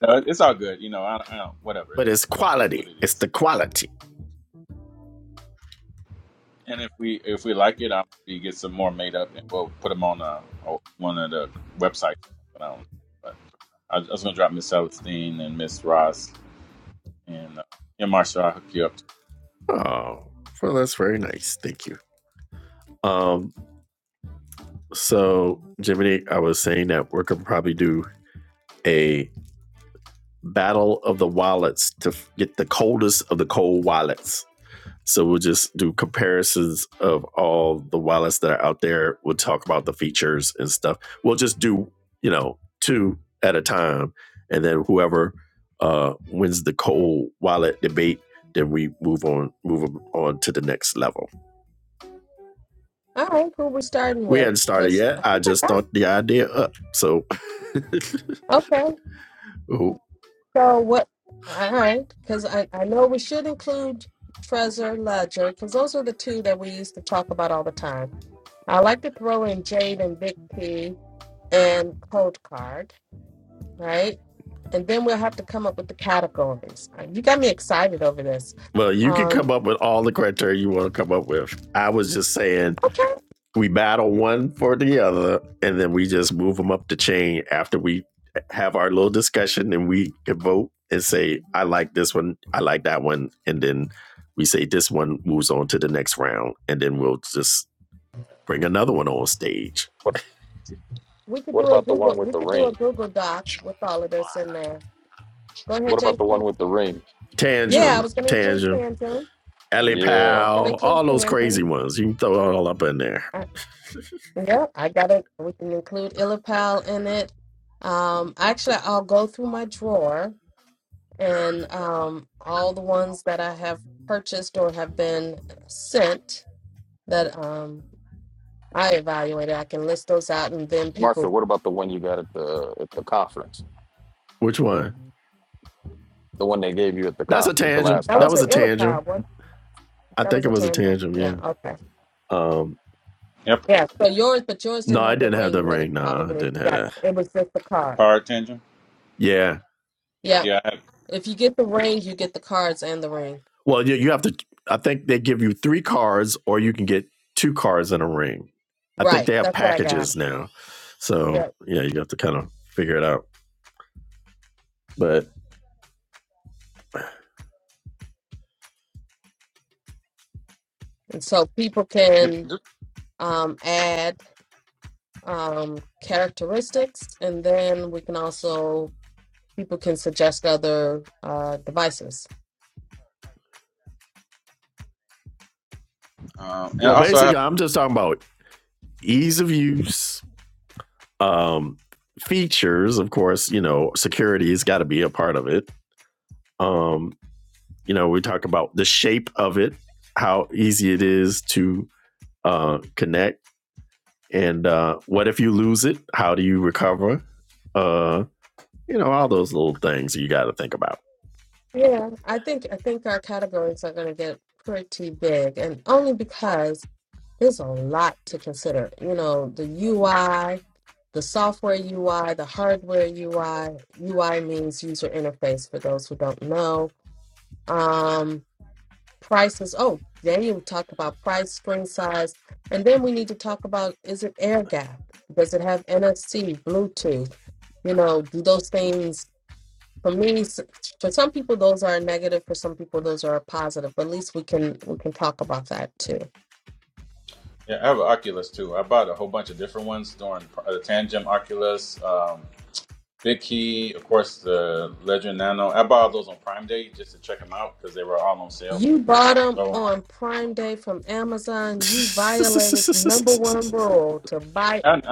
No, it's all good. You know, I, I don't, whatever. It
it's
is what
quality.
it
It's
is.
the quality.
And if we if we like it, I'll maybe get some more made up and we'll put them on uh on one of the websites or something. I don't know. But I, I was gonna drop Miss Celestine and Miss Ross and uh, yeah, Marshall. I'll hook you up. To.
Oh, well, that's very nice. Thank you. Um, so Jiminy, I was saying that we're gonna probably do a battle of the wallets to get the coldest of the cold wallets. So we'll just do comparisons of all the wallets that are out there. We'll talk about the features and stuff. We'll just do, you know, two at a time. And then whoever uh, wins the cold wallet debate, then we move on, Move on to the next level.
All right, who we starting
We
with?
hadn't started
Because I
yet. I
think I
just
got
thought the idea up. So,
okay. So what? All right, because I, I know we should include Trezor Ledger because those are the two that we used to talk about all the time. I like to throw in Jade and Big P and Cold Card, right? And then we'll have to come up with the categories. Uh, You got me excited over this.
well, you can
Um,
come up with all the criteria you want to come up with. I was just saying
okay,
we battle one for the other, and then we just move them up the chain after we have our little discussion and we can vote and say, I like this one, I like that one, and then we say this one moves on to the next round, and then we'll just bring another one on stage.
What
we could
What
do a
about the one
Google.
with
We
the
could do a
ring?
Google Doc with all of this in there. Go
What
ahead,
about the one
JP.
with the ring?
Yeah, I
Tangem,
was going to include
Tangem,
Tanzan.
Alley
I
Yeah,
was going to
Pal, all
include
those crazy
Tanzan.
ones. You can throw it all up in there.
Yep, I got it. We can include Illipal in it. Um, actually, I'll go through my drawer and um, all the ones that I have purchased or have been sent that um, I evaluated. I can list those out, and then
Martha.
people.
What about the one you got at the at the conference?
Which one?
The one they gave you at the
That's a
conf- at the
tangent.
last
That
That
was
was
an
a
conference.
tangent.
Illipal. What?
I
That
think
was
it
a
was a
tantrum.
tangent.
Yeah.
Yeah.
Okay.
Um.
Yep,
Yeah. So yours, but yours
No,
didn't
I
have the
didn't have the
ring with it.
ring. No, I
Probably if
didn't
you
have
got
that.
it was just the card.
power tangent.
Yeah.
Yeah.
Yeah, I have.
If you get the ring, you get the cards and the ring.
Well, you, you have to. I think they give you three cards, or you can get two cards and a ring. I think they
Right.
have
That's what I got.
packages now.
Yeah.
So yeah, you have to kind of figure it out. But
And so people
Yep.
can um, add um, characteristics, and then we can also people can suggest other uh, devices.
Um, and
well,
also I have
basically, I'm just talking about ease of use, um, features. Of course, you know, security's got to be a part of it. Um, you know, we talk about the shape of it, how easy it is to uh, connect, and uh, what if you lose it? How do you recover? Uh, you know, all those little things you got to think about.
Yeah, I think I think our categories are going to get pretty big, and only because there's a lot to consider. You know, the UI, the software UI, the hardware UI. UI means user interface for those who don't know. Um, prices. Oh, Daniel talked about price, screen size, and then we need to talk about is it air gap? Does it have NFC, Bluetooth? You know, do those things for me? s- For some people, those are a negative. For some people, those are a positive. But at least we can we can talk about that too.
yeah I have an Oculus too. I bought a whole bunch of different ones during uh, the Tangem Oculus, um, Big Key, of course the Ledger Nano. I bought all those on Prime Day just to check them out because they were all on sale.
You bought them
So.
on Prime Day from Amazon. You violated number one rule to buy.
I. I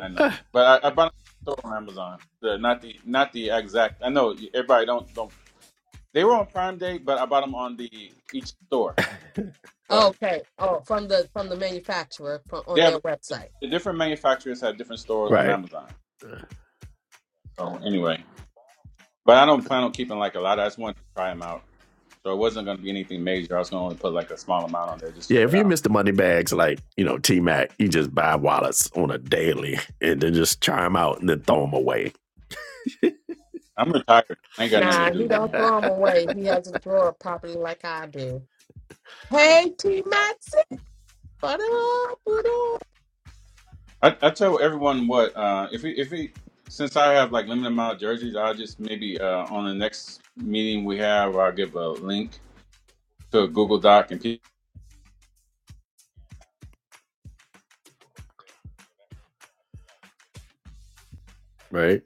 I know, but I, I bought it on Amazon. The not the not the exact. I know you- everybody don't don't. They were on Prime Day, but I bought them on the each store. But
Okay, oh, from the from the manufacturer from,
they
on
have
their website.
the different manufacturers have different stores on
right.
Amazon. So anyway, but I don't plan on keeping like a lot. I just wanted to try them out. So it wasn't going to be anything major. I was going to only put like a small amount on there, just
Yeah,
check
if
it
you
out.
miss the money bags like, you know, T Mac, you just buy wallets on a daily and then just try them out and then
Oh,
throw them
no.
away,
I'm retired. I ain't got nothing to
Nah,
do,
he don't
man.
throw them away. He has a drawer properly like I do. Hey, T Maxi, what up? What up?
I, I tell everyone what uh, if we if we since I have like limited amount of jerseys, I'll just maybe uh, on the next meeting we have, I'll give a link to a Google Doc and people,
right?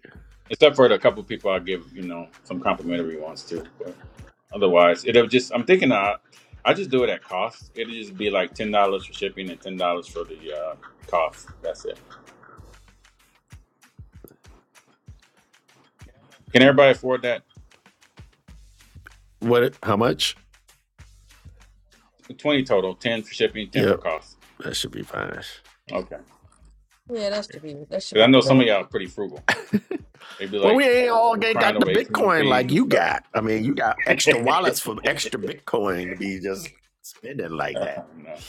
except for the couple people, I'll give you know some complimentary ones too. But otherwise, it'll just I'm thinking I I just do it at cost. It'll just be like ten dollars for shipping and ten dollars for the uh, cost. That's it. Can
Cool.
everybody afford that?
What, how much?
Twenty total, ten for shipping, ten
Yeah,
for cost.
that should be fine.
Okay,
Yeah, that should be that should
because I
be
know some
good.
of y'all are pretty frugal. they be
Well,
like
we ain't all ain't
crying
got the
over ATM
Bitcoin
fees
like
and
you
stuff.
got. I mean, you got
oh,
extra wallets for extra Bitcoin to be just spending like that.
no.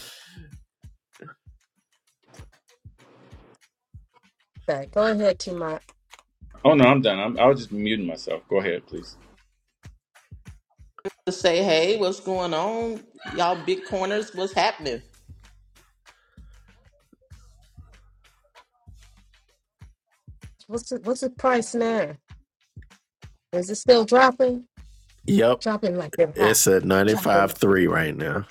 Okay, go ahead, T Max.
oh no, I'm done. I'm, I was just muting myself. Go ahead, please.
to say, hey, what's going on? Y'all Big corners, what's happening?
What's the what's the price now? Is it still dropping?
Yep.
Dropping like they're hot.
It's at
Dropping
ninety-five
like it's
three
hot.
right now.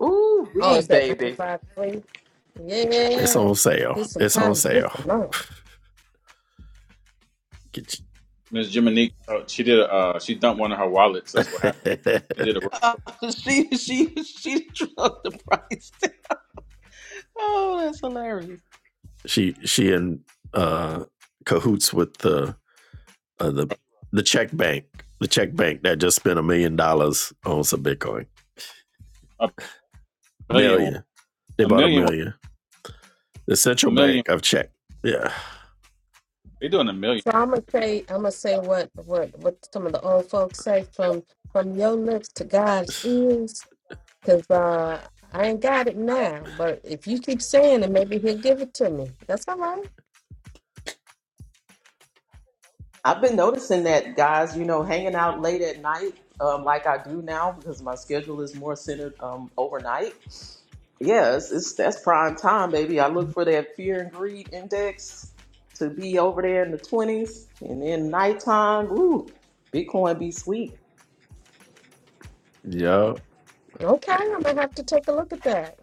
Ooh,
Oh,
wee,
is that ninety
baby.
five three?
It's
Yeah,
on sale.
there's some
It's on
time to get
sale.
some money.
Get
Miss Jiminique, uh, she did. A, uh, she dumped one of her wallets. That's what happened.
you-
She did a,
Uh, she she she drove the price. down. oh, that's hilarious.
she she in uh cahoots with the uh, the the Czech bank, the Czech bank that just spent a million dollars on some Bitcoin.
a million, one,
Million. They
a
bought a
million, one,
million. The
a
central
million.
bank of Czech. Yeah.
They doing a million.
So I'm gonna say I'm gonna say what what what some of the old folks say from from your lips to God's ears. Cause uh, I ain't got it now, but if you keep saying it, maybe he'll give it to me. That's all right.
I've been noticing that guys, you know, hanging out late at night, um, like I do now because my schedule is more centered um overnight. Yes, it's that's prime time, baby. I look for that fear and greed index to be over there in the twenties and then nighttime, ooh, Bitcoin be sweet.
Yeah.
Okay, I'm gonna have to take a look at that.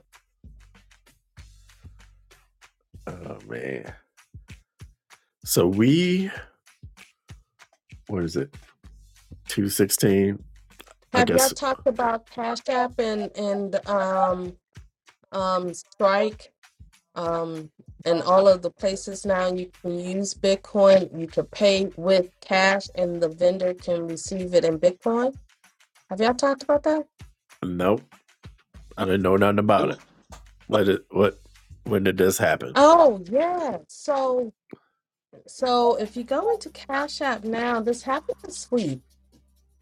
Oh man. So we what is it? Two sixteen. I
Have y'all
guess.
talked about Cash App and and um um Strike um and all of the places now you can use Bitcoin. You can pay with cash, and the vendor can receive it in Bitcoin. Have y'all talked about that?
Nope. I
No,
didn't know nothing about
dude,
it.
like
What? Did, what? When did this happen?
Oh yeah. So so if you go into Cash App now, this happened this week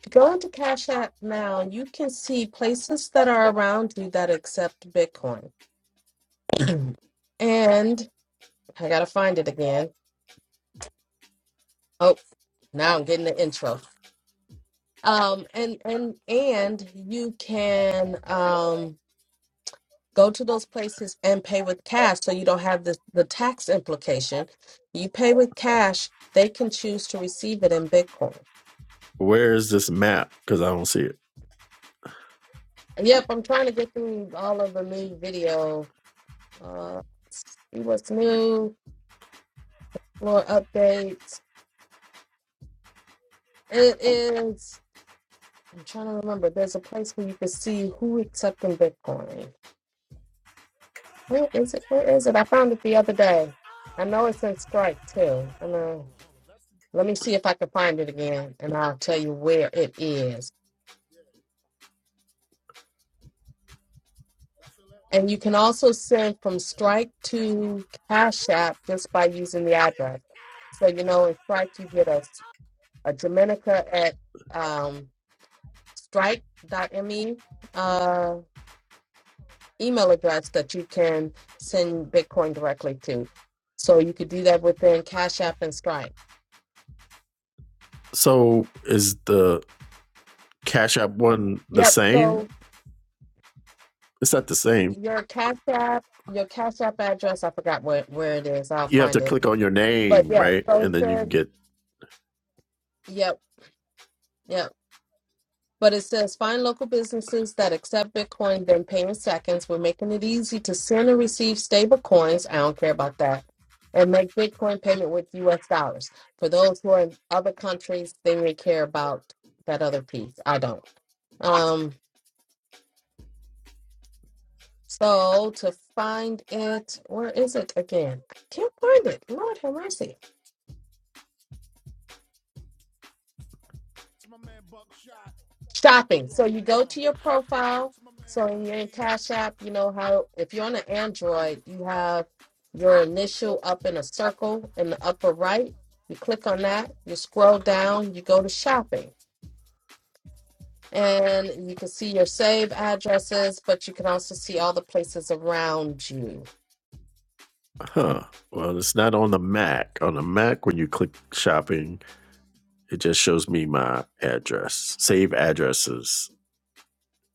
Go into Cash App now. You can see places that are around you that accept Bitcoin. and I gotta find it again. Oh, now I'm getting the intro. Um, and and and you can um go to those places and pay with cash, so you don't have the the tax implication. You pay with cash; they can choose to receive it in Bitcoin.
Where is this map? Because I don't see it.
yep, I'm trying to get through all of the new video. Uh, see what's new. more updates. It is, I'm trying to remember, there's a place where you can see who accepting Bitcoin. Where is it? Where is it? I found it the other day. I know it's in Strike too. And uh, let me see if I can find it again and I'll tell you where it is. And you can also send from Strike to Cash App just by using the address. So, you know, in Strike, you get a, a Dominica at um, strike.me email address that you can send Bitcoin directly to. So you could do that within Cash App and Stripe.
So is the Cash App one the
Yep.
same?
So
It's not the same
your Cash App, your Cash App address, I forgot where, where it is. I'll
you have to
find it.
click on your
But
name,
yeah,
right?
so
And
it
then you can
says,
get,
yep, yep. But it says find local businesses that accept Bitcoin, then pay in seconds. We're making it easy to send and receive stable coins. I don't care about that. And make Bitcoin payment with US dollars. For those who are in other countries, they may care about that other piece. I don't. Um, so to find it, where is it again? I can't find it. Lord have mercy. Shopping. So you go to your profile. So when you're in your Cash App, you know how if you're on an Android, you have your initial up in a circle in the upper right. You click on that, you scroll down, you go to shopping. And you can see your save addresses, but you can also see all the places around you.
huh? Well, it's not on the Mac. On the Mac, when you click shopping, it just shows me my address. Save addresses.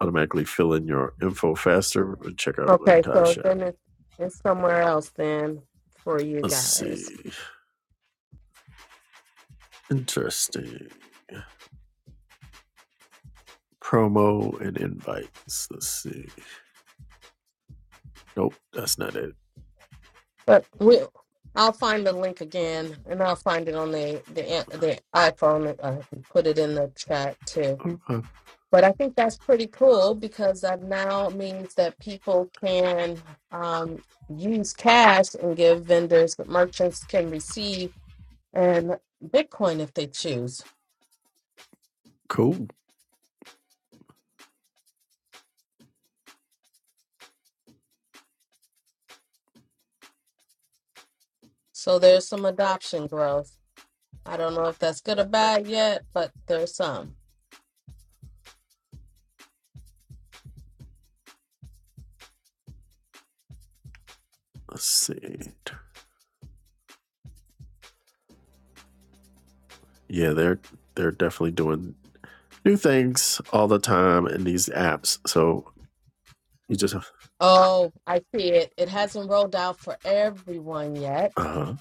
Automatically fill in your info faster and check out
Okay,
Redcar
so
Shop.
then it's, it's somewhere else then for you
Let's
guys.
see. Interesting. Promo and invites. Let's see. Nope, that's not it.
But we, I'll find the link again, and I'll find it on the the the iPhone. Uh, put it in the chat too.
Okay,
But I think that's pretty cool because that now means that people can um, use cash and give vendors, but merchants can receive in Bitcoin if they choose.
cool.
So there's some adoption growth. I don't know if that's good or bad yet, but there's some.
Let's see. Yeah, they're they're definitely doing new things all the time in these apps. So You just, uh
Oh, I see it. It hasn't rolled out for everyone yet.
huh.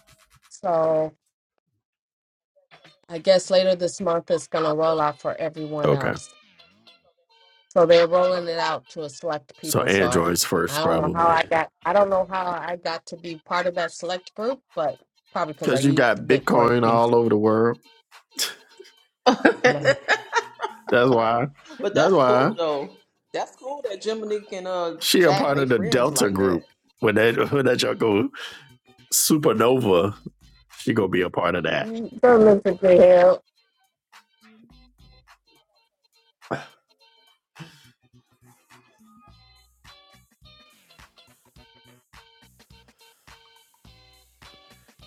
So I guess later this month it's going to roll out for everyone
Okay.
else. So they're rolling it out to a select
So
people. So I,
Androids
I
first,
don't know how
probably,
I got I don't know how I got to be part of that select group, but probably because I
because you
used the
got
Bitcoin
Bitcoin
piece.
all over the world.
No,
That's why.
But
That's
that's
why
cool though. That's cool that Jiminique and uh
she a
Jack
part
they
of the
friends
Delta
like that.
group. When that when that junk go supernova, she gonna be a part of that.
don't look at the hell.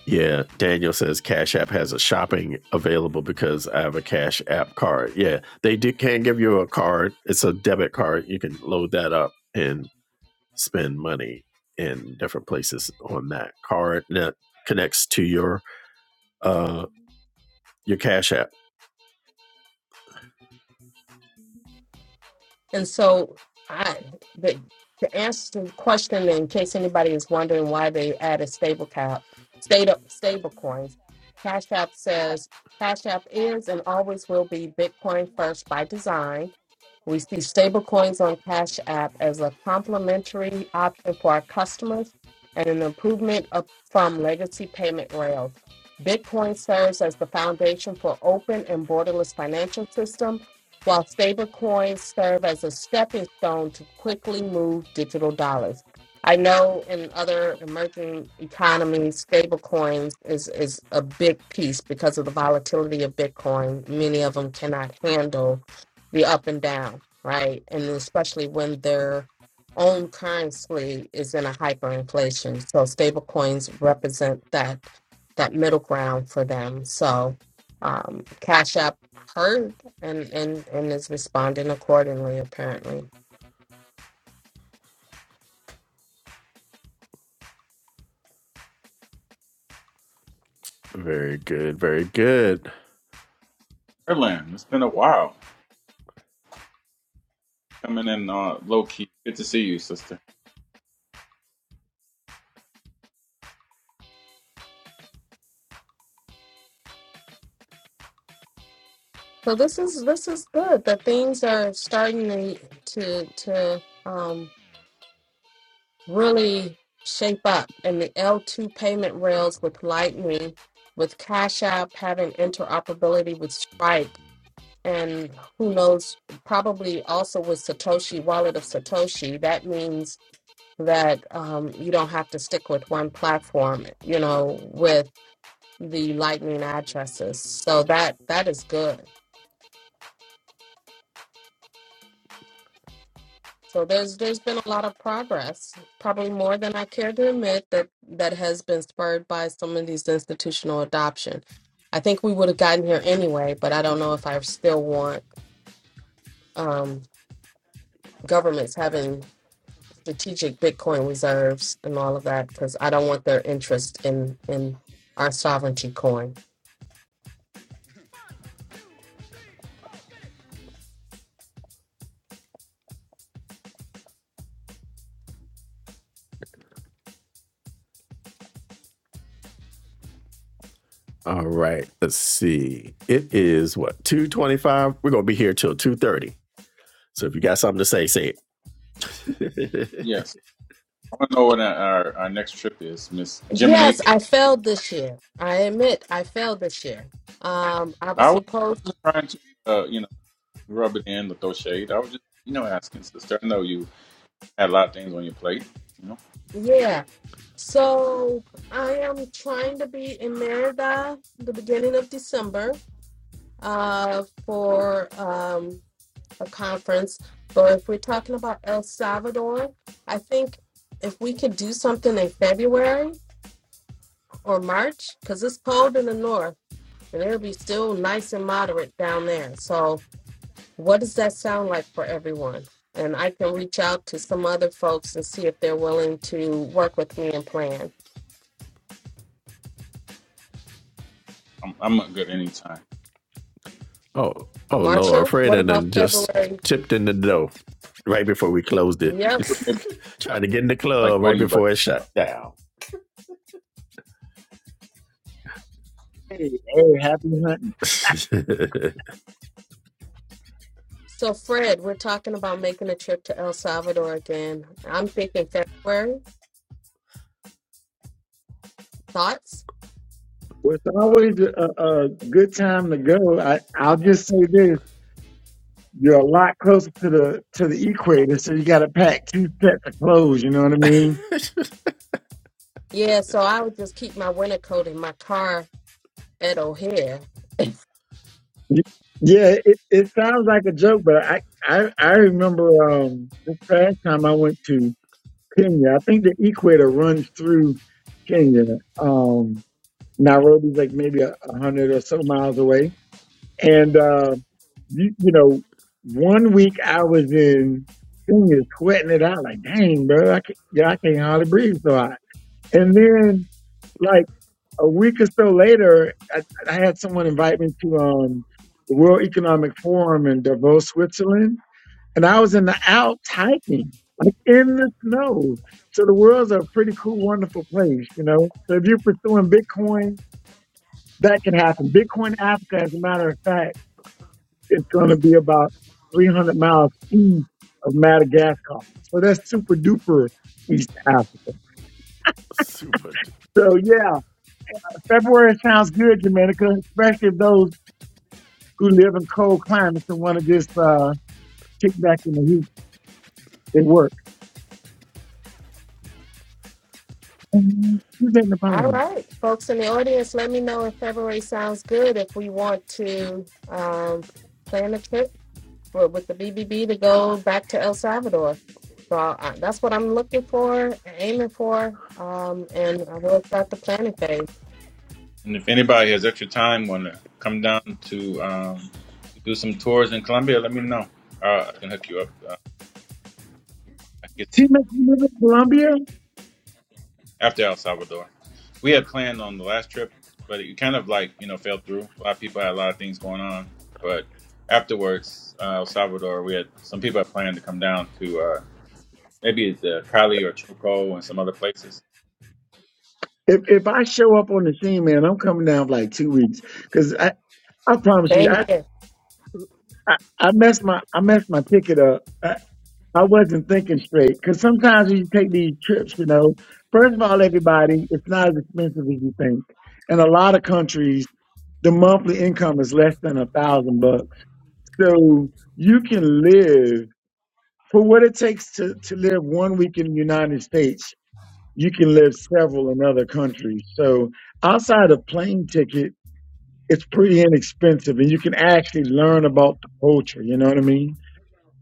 Yeah, Daniel says Cash App has a shopping available because I have a Cash App card. Yeah, they do, can give you a card. It's a debit card. You can load that up and spend money in different places on that card. And that connects to your uh your cash app.
And so I the to answer the question in case anybody is wondering why they added stable cap stable stable coins, Cash App says Cash App is and always will be Bitcoin first by design We see stablecoins on Cash App as a complementary option for our customers and an improvement up from legacy payment rails. Bitcoin serves as the foundation for open and borderless financial system, while stablecoins serve as a stepping stone to quickly move digital dollars. I know in other emerging economies, stablecoins is, is a big piece because of the volatility of Bitcoin. Many of them cannot handle the up and down, right? And especially when their own currency is in a hyperinflation. So stable coins represent that that middle ground for them. So um, Cash App heard and, and and is responding accordingly apparently.
Very good, very good.
Erland. It's been a while. Coming in uh, low key. Good to see you, sister.
So this is this is good. The things are starting to to to um really shape up and the L2 payment rails with Lightning, with Cash App having interoperability with Strike, and who knows, probably also with Satoshi, Wallet of Satoshi. That means that um, you don't have to stick with one platform, you know, with the Lightning addresses. So that that is good. So there's there's been a lot of progress, probably more than I care to admit that that has been spurred by some of these institutional adoption. I think we would have gotten here anyway, but I don't know if I still want um, governments having strategic Bitcoin reserves and all of that because I don't want their interest in in our sovereignty coin.
All right, let's see. It is what 225. We're gonna be here till 230. So if you got something to say, say it.
Yes, I want to know what our, our our next trip is, Miss
Yes,
Jiminique.
I failed this year. I admit I failed this year. Um, I
I
was
was I
supposed,
wasn't trying to uh, you know rub it in or throw shade. I was just you know asking, sister. I know you had a lot of things on your plate.
yeah. So I am trying to be in Merida the beginning of December uh, for um, a conference. But if we're talking about El Salvador, I think if we could do something in February or March, because it's cold in the north and it'll be still nice and moderate down there. So what does that sound like for everyone? And I can reach out to some other folks and see if they're willing to work with me and plan.
I'm I'm not good anytime.
oh, oh
But
Lord,
Marshall,
Fred
what
and
about
then just
February
tipped in the dough right before we closed it.
this
Yep.
is what maybe I
Trying to get in the
like
club right
voting, but
before it shut down.
Hey, hey, happy hunting.
So, Fred, we're talking about making a trip to El Salvador again. I'm thinking February. Thoughts?
Well, it's always a, a good time to go. I, I'll just say this. You're a lot closer to the to the equator, so you got to pack two sets of clothes. You know what I mean?
Yeah, so I would just keep my winter coat in my car at O'Hare.
Y- Yeah, it, it sounds like a joke, but I I, I remember um, this past time I went to Kenya. I think the equator runs through Kenya. Um, Nairobi's like maybe a, a hundred or so miles away And um, you, you know, one week I was in senior sweating it out like, dang, bro, I can't, yeah, I can't hardly breathe so hot. And then like a week or so later, I, I had someone invite me to um the World Economic Forum in Davos, Switzerland, and I was in the Alps hiking, like in the snow. So the world's a pretty cool, wonderful place, you know. So if you're pursuing Bitcoin, that can happen. Bitcoin Africa, as a matter of fact it's going to be about 300 miles east of Madagascar. So that's super duper East Africa.
Super.
So yeah, February sounds good, Dominica, especially if those who live in cold climates and want to just uh, kick back in the heat and work. Mhm. Who's in the
All
bottom?
right, folks in the audience, let me know if February sounds good. If we want to um, plan a trip for, with the BBB to go back to El Salvador. So uh, that's what I'm looking for, aiming for, um, and I will start the planning phase.
and if anybody has extra time, wanna come down to um, do some tours in Colombia, let me know. Uh, I can hook you up. Uh, I get
See, man, you live in Colombia?
after El Salvador, we had planned on the last trip, but it kind of like you know fell through. A lot of people had a lot of things going on, but afterwards, uh, El Salvador, we had some people had planned to come down to uh, maybe the Cali or Choco and some other places.
If if I show up on the scene, man, I'm coming down for like two weeks because I, I promise you,
Same
I,
here.
I I messed my I messed my ticket up. I wasn't thinking straight because sometimes when you take these trips, you know, first of all, everybody, it's not as expensive as you think. In a lot of countries, the monthly income is less than a thousand bucks. So you can live for what it takes to, to live one week in the United States. You can live several in other countries. So outside of plane ticket, it's pretty inexpensive and you can actually learn about the culture. You know what I mean?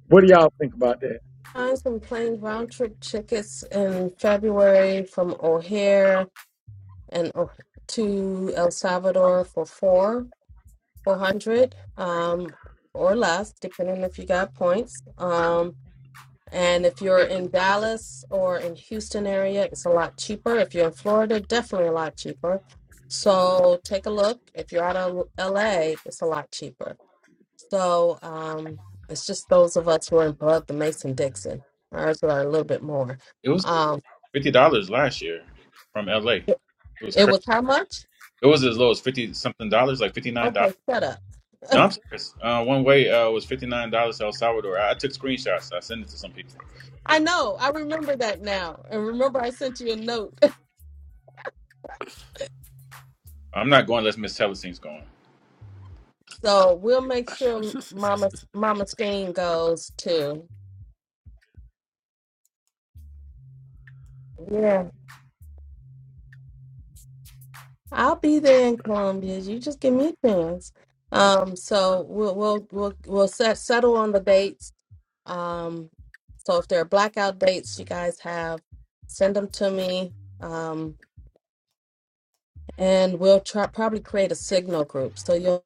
What do y'all think about that?
times when playing round trip tickets in February from O'Hare and O- to El Salvador for four, 400 um, or less, depending if you got points. Um, and if you're in Dallas or in Houston area, it's a lot cheaper. If you're in Florida, definitely a lot cheaper. So take a look. If you're out of LA, it's a lot cheaper. So um, it's just those of us who are in above the Mason Dixon. Ours are a little bit more.
It was
Um,
fifty dollars last year from LA. It
it,
was
it
crazy.
was how much?
It was as low as fifty something dollars, like fifty nine dollars.
Okay, shut up.
No, I'm serious. Uh, one way uh, was fifty nine dollars El Salvador. I, I took screenshots. I sent it to some people.
I know. I remember that now, and remember I sent you a note.
I'm not going unless Miss Telesine's going.
so we'll make sure Mama Mama Steen goes too. Yeah, I'll be there in Columbia. You just give me a chance. Um, so we'll we'll we'll, we'll set, settle on the dates Um, so if there are blackout dates you guys have, send them to me. Um, and we'll try probably create a signal group. So you'll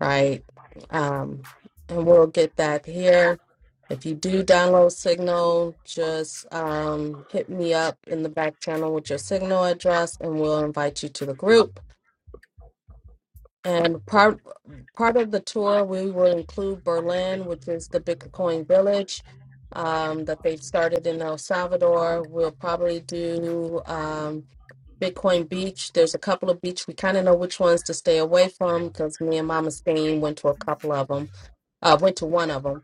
right. Um, and we'll get that here. If you do download Signal, just um, hit me up in the back channel with your Signal address, and we'll invite you to the group. And part part of the tour, we will include Berlin, which is the Bitcoin village um, that they've started in El Salvador. We'll probably do um, Bitcoin Beach. There's a couple of beach we kind of know which ones to stay away from because me and Mama Stain went to a couple of them, uh, went to one of them,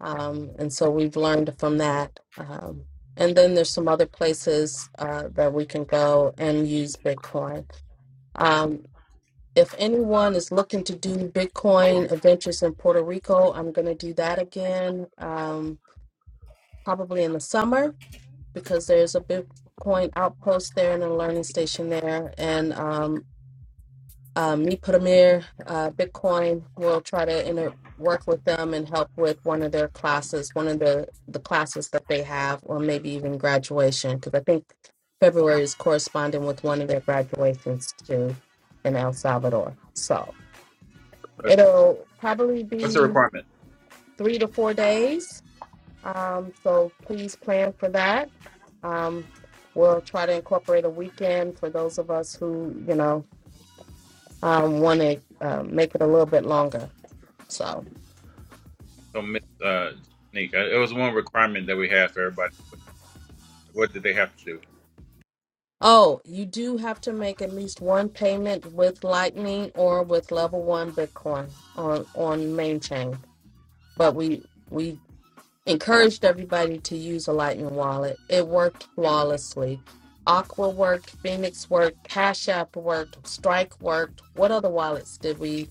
um, and so we've learned from that. Um, and then there's some other places uh, that we can go and use Bitcoin. Um, if anyone is looking to do Bitcoin adventures in Puerto Rico, I'm going to do that again, um, probably in the summer because there's a Bitcoin outpost there and a learning station there. And um, uh, me, Putamir, uh, Bitcoin will try to inter- work with them and help with one of their classes, one of the, the classes that they have, or maybe even graduation, because I think February is corresponding with one of their graduations too in El Salvador. So.
But
It'll probably
what's the
be
requirement?
three to four days. Um, so please plan for that. Um, we'll try to incorporate a weekend for those of us who, you know, um, want to uh, make it a little bit longer. So,
So Miss uh, Nick, uh, it was one requirement that we had for everybody. What did they have to do?
oh, you do have to make at least one payment with Lightning or with Level One Bitcoin on on main chain. But we we encouraged everybody to use a Lightning wallet. It worked flawlessly. Aqua worked, Phoenix worked, Cash App worked, Strike worked. What other wallets did we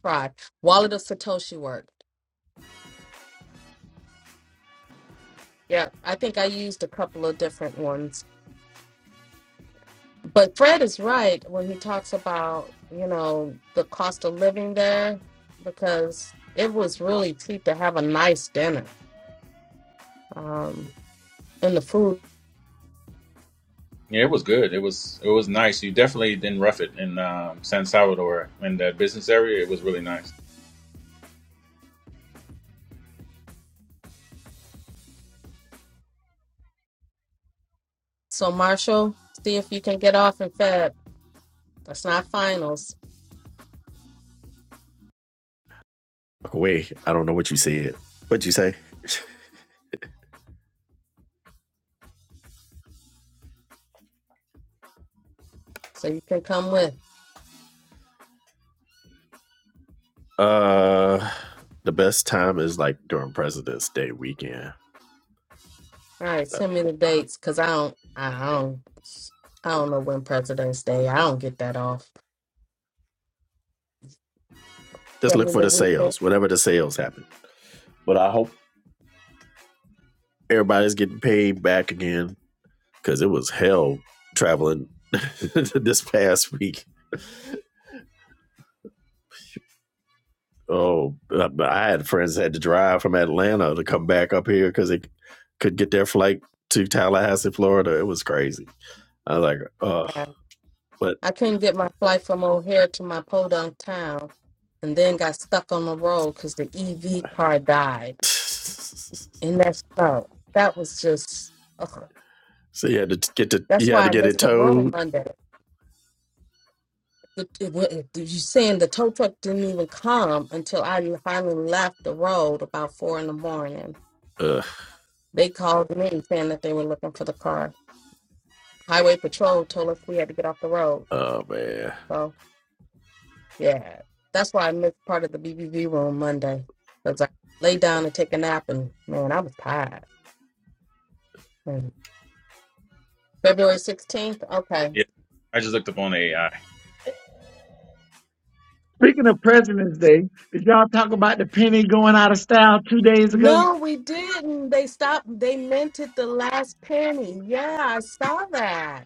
try? Wallet of Satoshi worked. Yeah, I think I used a couple of different ones. But Fred is right when he talks about, you know, the cost of living there because it was really cheap to have a nice dinner um, and the food.
Yeah, it was good. It was it was nice. You definitely didn't rough it in um, San Salvador in that business area. It was really nice.
So, Marshall, see if you can get off and Fed. That's not finals.
Away. I don't know what you said. What'd you say?
So you can come with.
Uh, the best time is like during President's Day weekend.
All right,
Uh,
send me the dates because I don't, I don't, I don't know when President's Day. I don't get that off.
Just
Send
look
me
for
the
the
weekend.
sales, Whenever the sales happen. But I hope everybody's getting paid back again because it was hell traveling this past week. Oh, I had friends that had to drive from Atlanta to come back up here because they could get their flight to Tallahassee, Florida. It was crazy. I was like, oh,
Yeah,
but
I couldn't get my flight from O'Hare to my podunk town, and then got stuck on the road because the EV car died
so
in that snow. That was just. Ugh.
you had to get to
That's
you had
why
to
I
get it
missed the road
towed.
Monday. The, it, wa- it, you saying the tow truck didn't even come until I finally left the road about four in the morning
Ugh.
They called me saying that they were looking for the car. Highway Patrol told us we had to get off the road.
Oh man.
So, yeah, that's why I missed part of the BBV room Monday because I lay down and take a nap, and man, I was tired. And February 16th, okay.
Yeah, I just looked up on the AI,
Speaking of President's Day, did y'all talk about the penny going out of style two days ago?
No, we didn't. They stopped, they minted the last penny. Yeah, I saw that.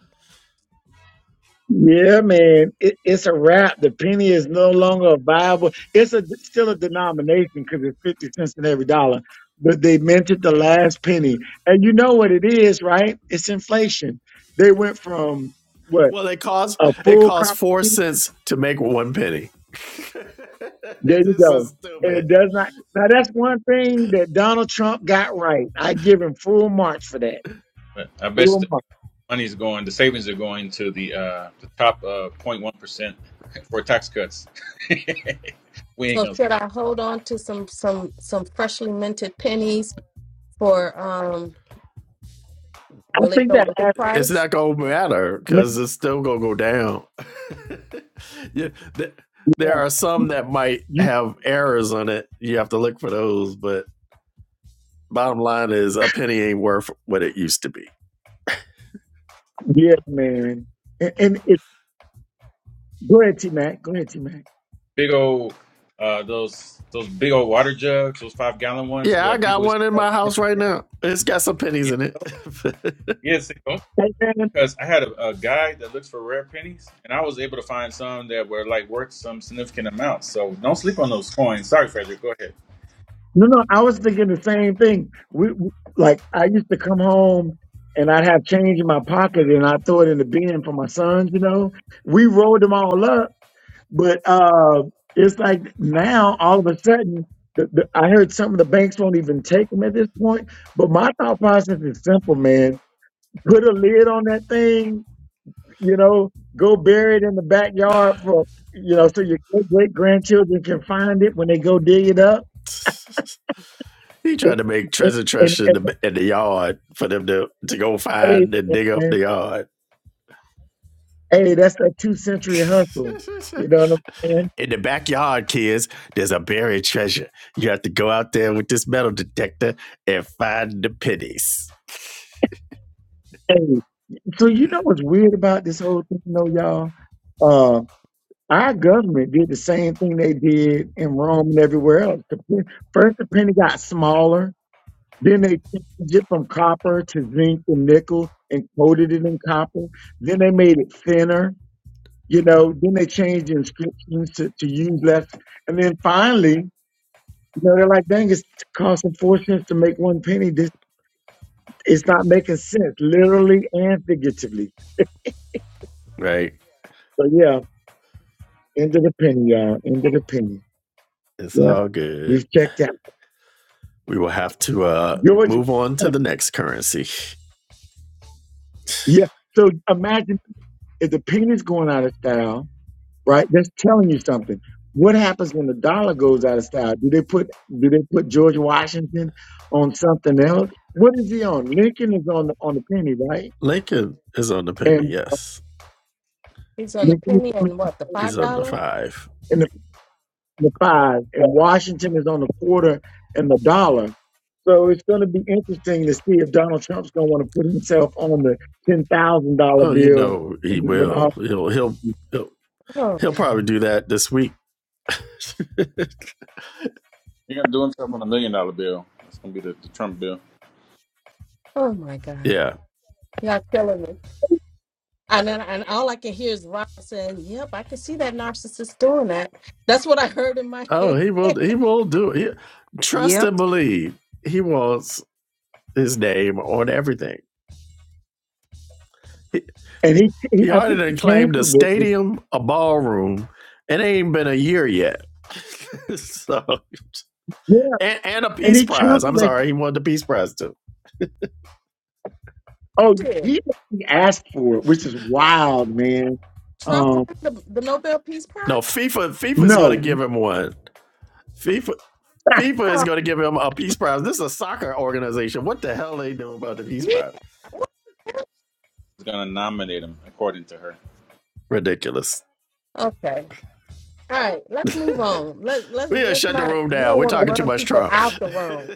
Yeah, man, it, it's a wrap. The penny is no longer a viable. It's a still a denomination because it's fifty cents in every dollar, but they minted the last penny, and you know what it is, right? It's inflation. They went from what
Well, it costs
a
it
full
costs
comp.
four cents to make one penny.
There
this
you
is
go, and it
stupid.
does not. Now that's one thing that Donald Trump got right. I give him full marks for that.
but I bet
Full marks.
money's going, the savings are going to the uh, the top uh, 0.1% for tax cuts. we ain't
So,
gonna see
should I hold on to some some some freshly minted pennies for um
I
will it
think
go
that.
up in
happened.
It's
price?
not gonna matter because it's still gonna go down. yeah, th- there
Yeah.
are some that might
You,
have errors on it. You have to look for those. But bottom line is, a penny ain't worth what it used to be.
yeah, man. And,
it.
and it, go ahead, T Mac. Go ahead, T Mac.
big old uh, those those big old water jugs, those five gallon ones
Yeah, I
where
got
people used
one in
to
my house right now. It's got some pennies
yeah
in it.
yeah see, don't-
Hey, man.
because I had a, a guy that looks for rare pennies and I was able to find some that were like worth some significant amount. So don't sleep on those coins. Sorry, Frederick, go ahead.
No, no, I was thinking the same thing. We, we like I used to come home and I'd have change in my pocket and I'd throw it in the bin for my sons. You know, we rolled them all up, but uh, it's like now all of a sudden. The, the, I heard some of the banks won't even take them at this point. But my thought process is simple, man. Put a lid on that thing you know, go bury it in the backyard for, you know, so your great grandchildren can find it when they go dig it up.
He
And,
tried to make treasure
and,
trust in
and,
the in the yard for them to to go
hey,
find and dig up
man,
the yard.
hey, that's that two century hustle. You know what I'm saying?
in the backyard, kids, there's a buried treasure. You have to go out there with this metal detector and find the pennies.
Hey, so you know what's weird about this whole thing, though, y'all? Uh, our government did the same thing they did in Rome and everywhere else. The, pen- first, the penny got smaller Then they changed it from copper to zinc and nickel and coated it in copper. Then they made it thinner, you know. Then they changed the inscriptions to, to use less. And then finally, you know, they're like, dang, it's costing four cents to make one penny. This It's not making sense, literally and figuratively.
Right?
So, yeah, end of the penny, y'all. End of the penny.
It's
Yeah,
all good.
we've checked out.
We will have to uh
Georgia,
move on to the next currency.
yeah. So imagine if the penny's going out of style right? That's telling you something. What happens when the dollar goes out of style? Do they put do they put George Washington on something else? What is he on? Lincoln is on the on the penny, right?
Lincoln is on the penny,
And
yes.
He's on the
Lincoln is
penny
on-
and what, the
He's on the
$5?
five.
in the, the
Yeah.
five, and Washington is on the quarter and the dollar. So it's going to be interesting to see if Donald Trump's going to want to put himself on the ten thousand dollar
Oh, you
bill
know he
when, when all,
will. He'll he'll he'll,
Oh
he'll
God.
probably do that this week.
He's gonna do himself on a million dollar bill. That's gonna be the, the Trump bill.
Oh my God.
Yeah.
Y'all killing me. And then and all I can hear is Rob saying, Yep, I can see that narcissist doing that. That's what I heard in my
Oh,
head.
he will. He will do it. He- trust
Yep.
and believe. He wants his name on everything. He,
and he, he
he
I
already
think
done
he
claimed a
canceled it.
stadium, a ballroom, it ain't been a year yet. so,
Yeah,
and, and a
and
peace
he
prize.
canceled
I'm
that.
sorry, he won the peace prize too.
Oh,
Shit.
he he asked for it, which is wild, man.
Trump won
Um,
the, the Nobel Peace
No,
Prize?
FIFA. FIFA is going to
no,
give him one. FIFA. FIFA is
Oh
going to give him a peace prize. This is a soccer organization. What the hell are they doing about the peace
yeah.
prize?
what?
He's gonna nominate him according to her.
Ridiculous.
Okay. All right. Let's move on. Let's let's
We gotta
let's
shut the
not
room
we
down.
don't
We're
want to
talking too
run
much
people
Trump.
out the room.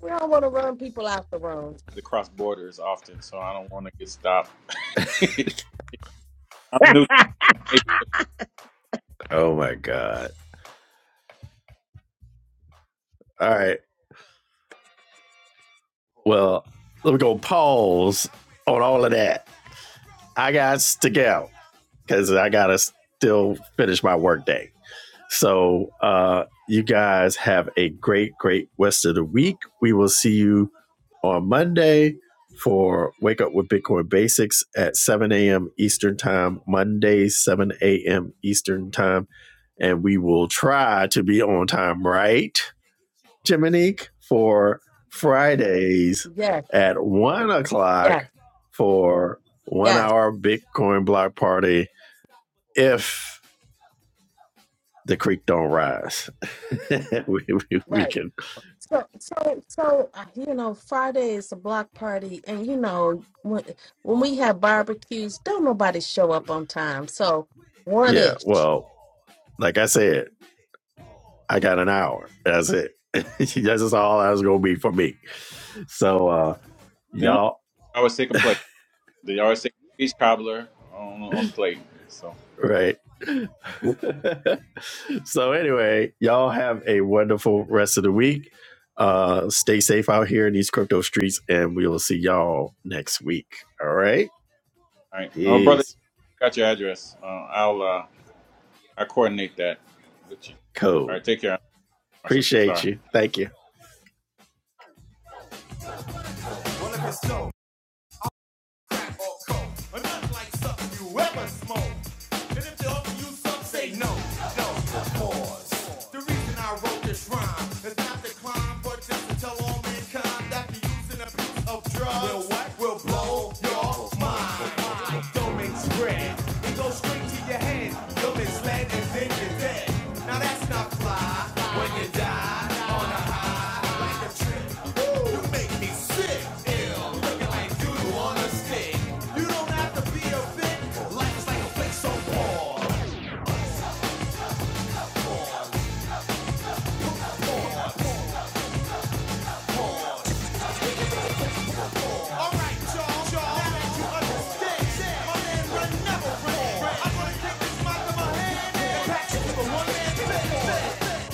We don't want to run people out the room.
to cross borders often, so I don't want to get stopped. I'm new. To Naples.
oh my god. All right. Well, we're going to pause on all of that. I got to go because I got to still finish my workday. So, uh, you guys have a great, great rest of the week. We will see you on Monday for Wake Up with Bitcoin Basics at 7 a.m. Eastern Time, Monday, 7 a.m. Eastern Time. And we will try to be on time, right? Jiminique for Fridays
Yes,
at one o'clock
yes,
for one
yes.
hour Bitcoin block party. If the creek don't rise, we, we, we
Right.
can,
So, so, so, uh, you know, Friday is a block party, and you know, when when we have barbecues, don't nobody show up on time. So, one
yeah.
ish.
Well, like I said, I got an hour. That's it. That's just all that's gonna be for me. So, uh,
They don't
y'all,
always take a plate. They always take a peach cobbler on on the plate. So, all
right? so anyway, y'all have a wonderful rest of the week. Uh, stay safe out here in these crypto streets, and we will see y'all next week. All right,
right. Oh, brother,
peace.
I got your address. Uh, I'll uh, I coordinate that with you. All
Cool.
right. Take care, Marshall.
Appreciate
Sorry.
you. Thank you. Well, if it's so, or coke, but not like something you ever smoked. And if they offer you some, say no, no, pause. The reason I wrote this rhyme is not to climb, but just to tell all mankind that the use and abuse of drugs will what? Will blow your mind. Like domain spread, it goes straight to your head. You're misled and then you're dead. Now that's not fly. You make me sick. If you wanna stick, you don't have to be a fit. Life's like a flick, so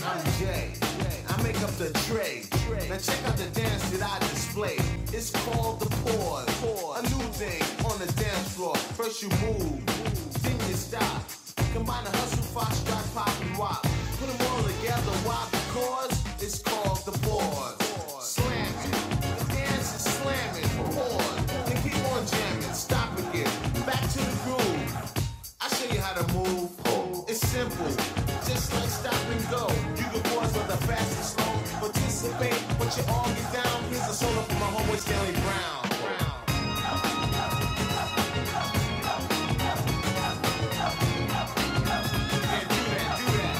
I'm Jay. I make up the tray. Now check out the dance that I display. It's called the pause. A new thing on the dance floor. First you move, then you stop. Combine the hustle, fox, drop, pop, and wop. Put them all together, why? Because it's called the pause. Slam it. The dance is slamming. Pause. Then keep on jamming. Stop again. Back to the groove. I show you how to move. It's simple, just like stop and go. You can pause for the fast and slow. Participate, but you all get down. Here's a solo for my homeboy Stanley Brown. Do that, do that.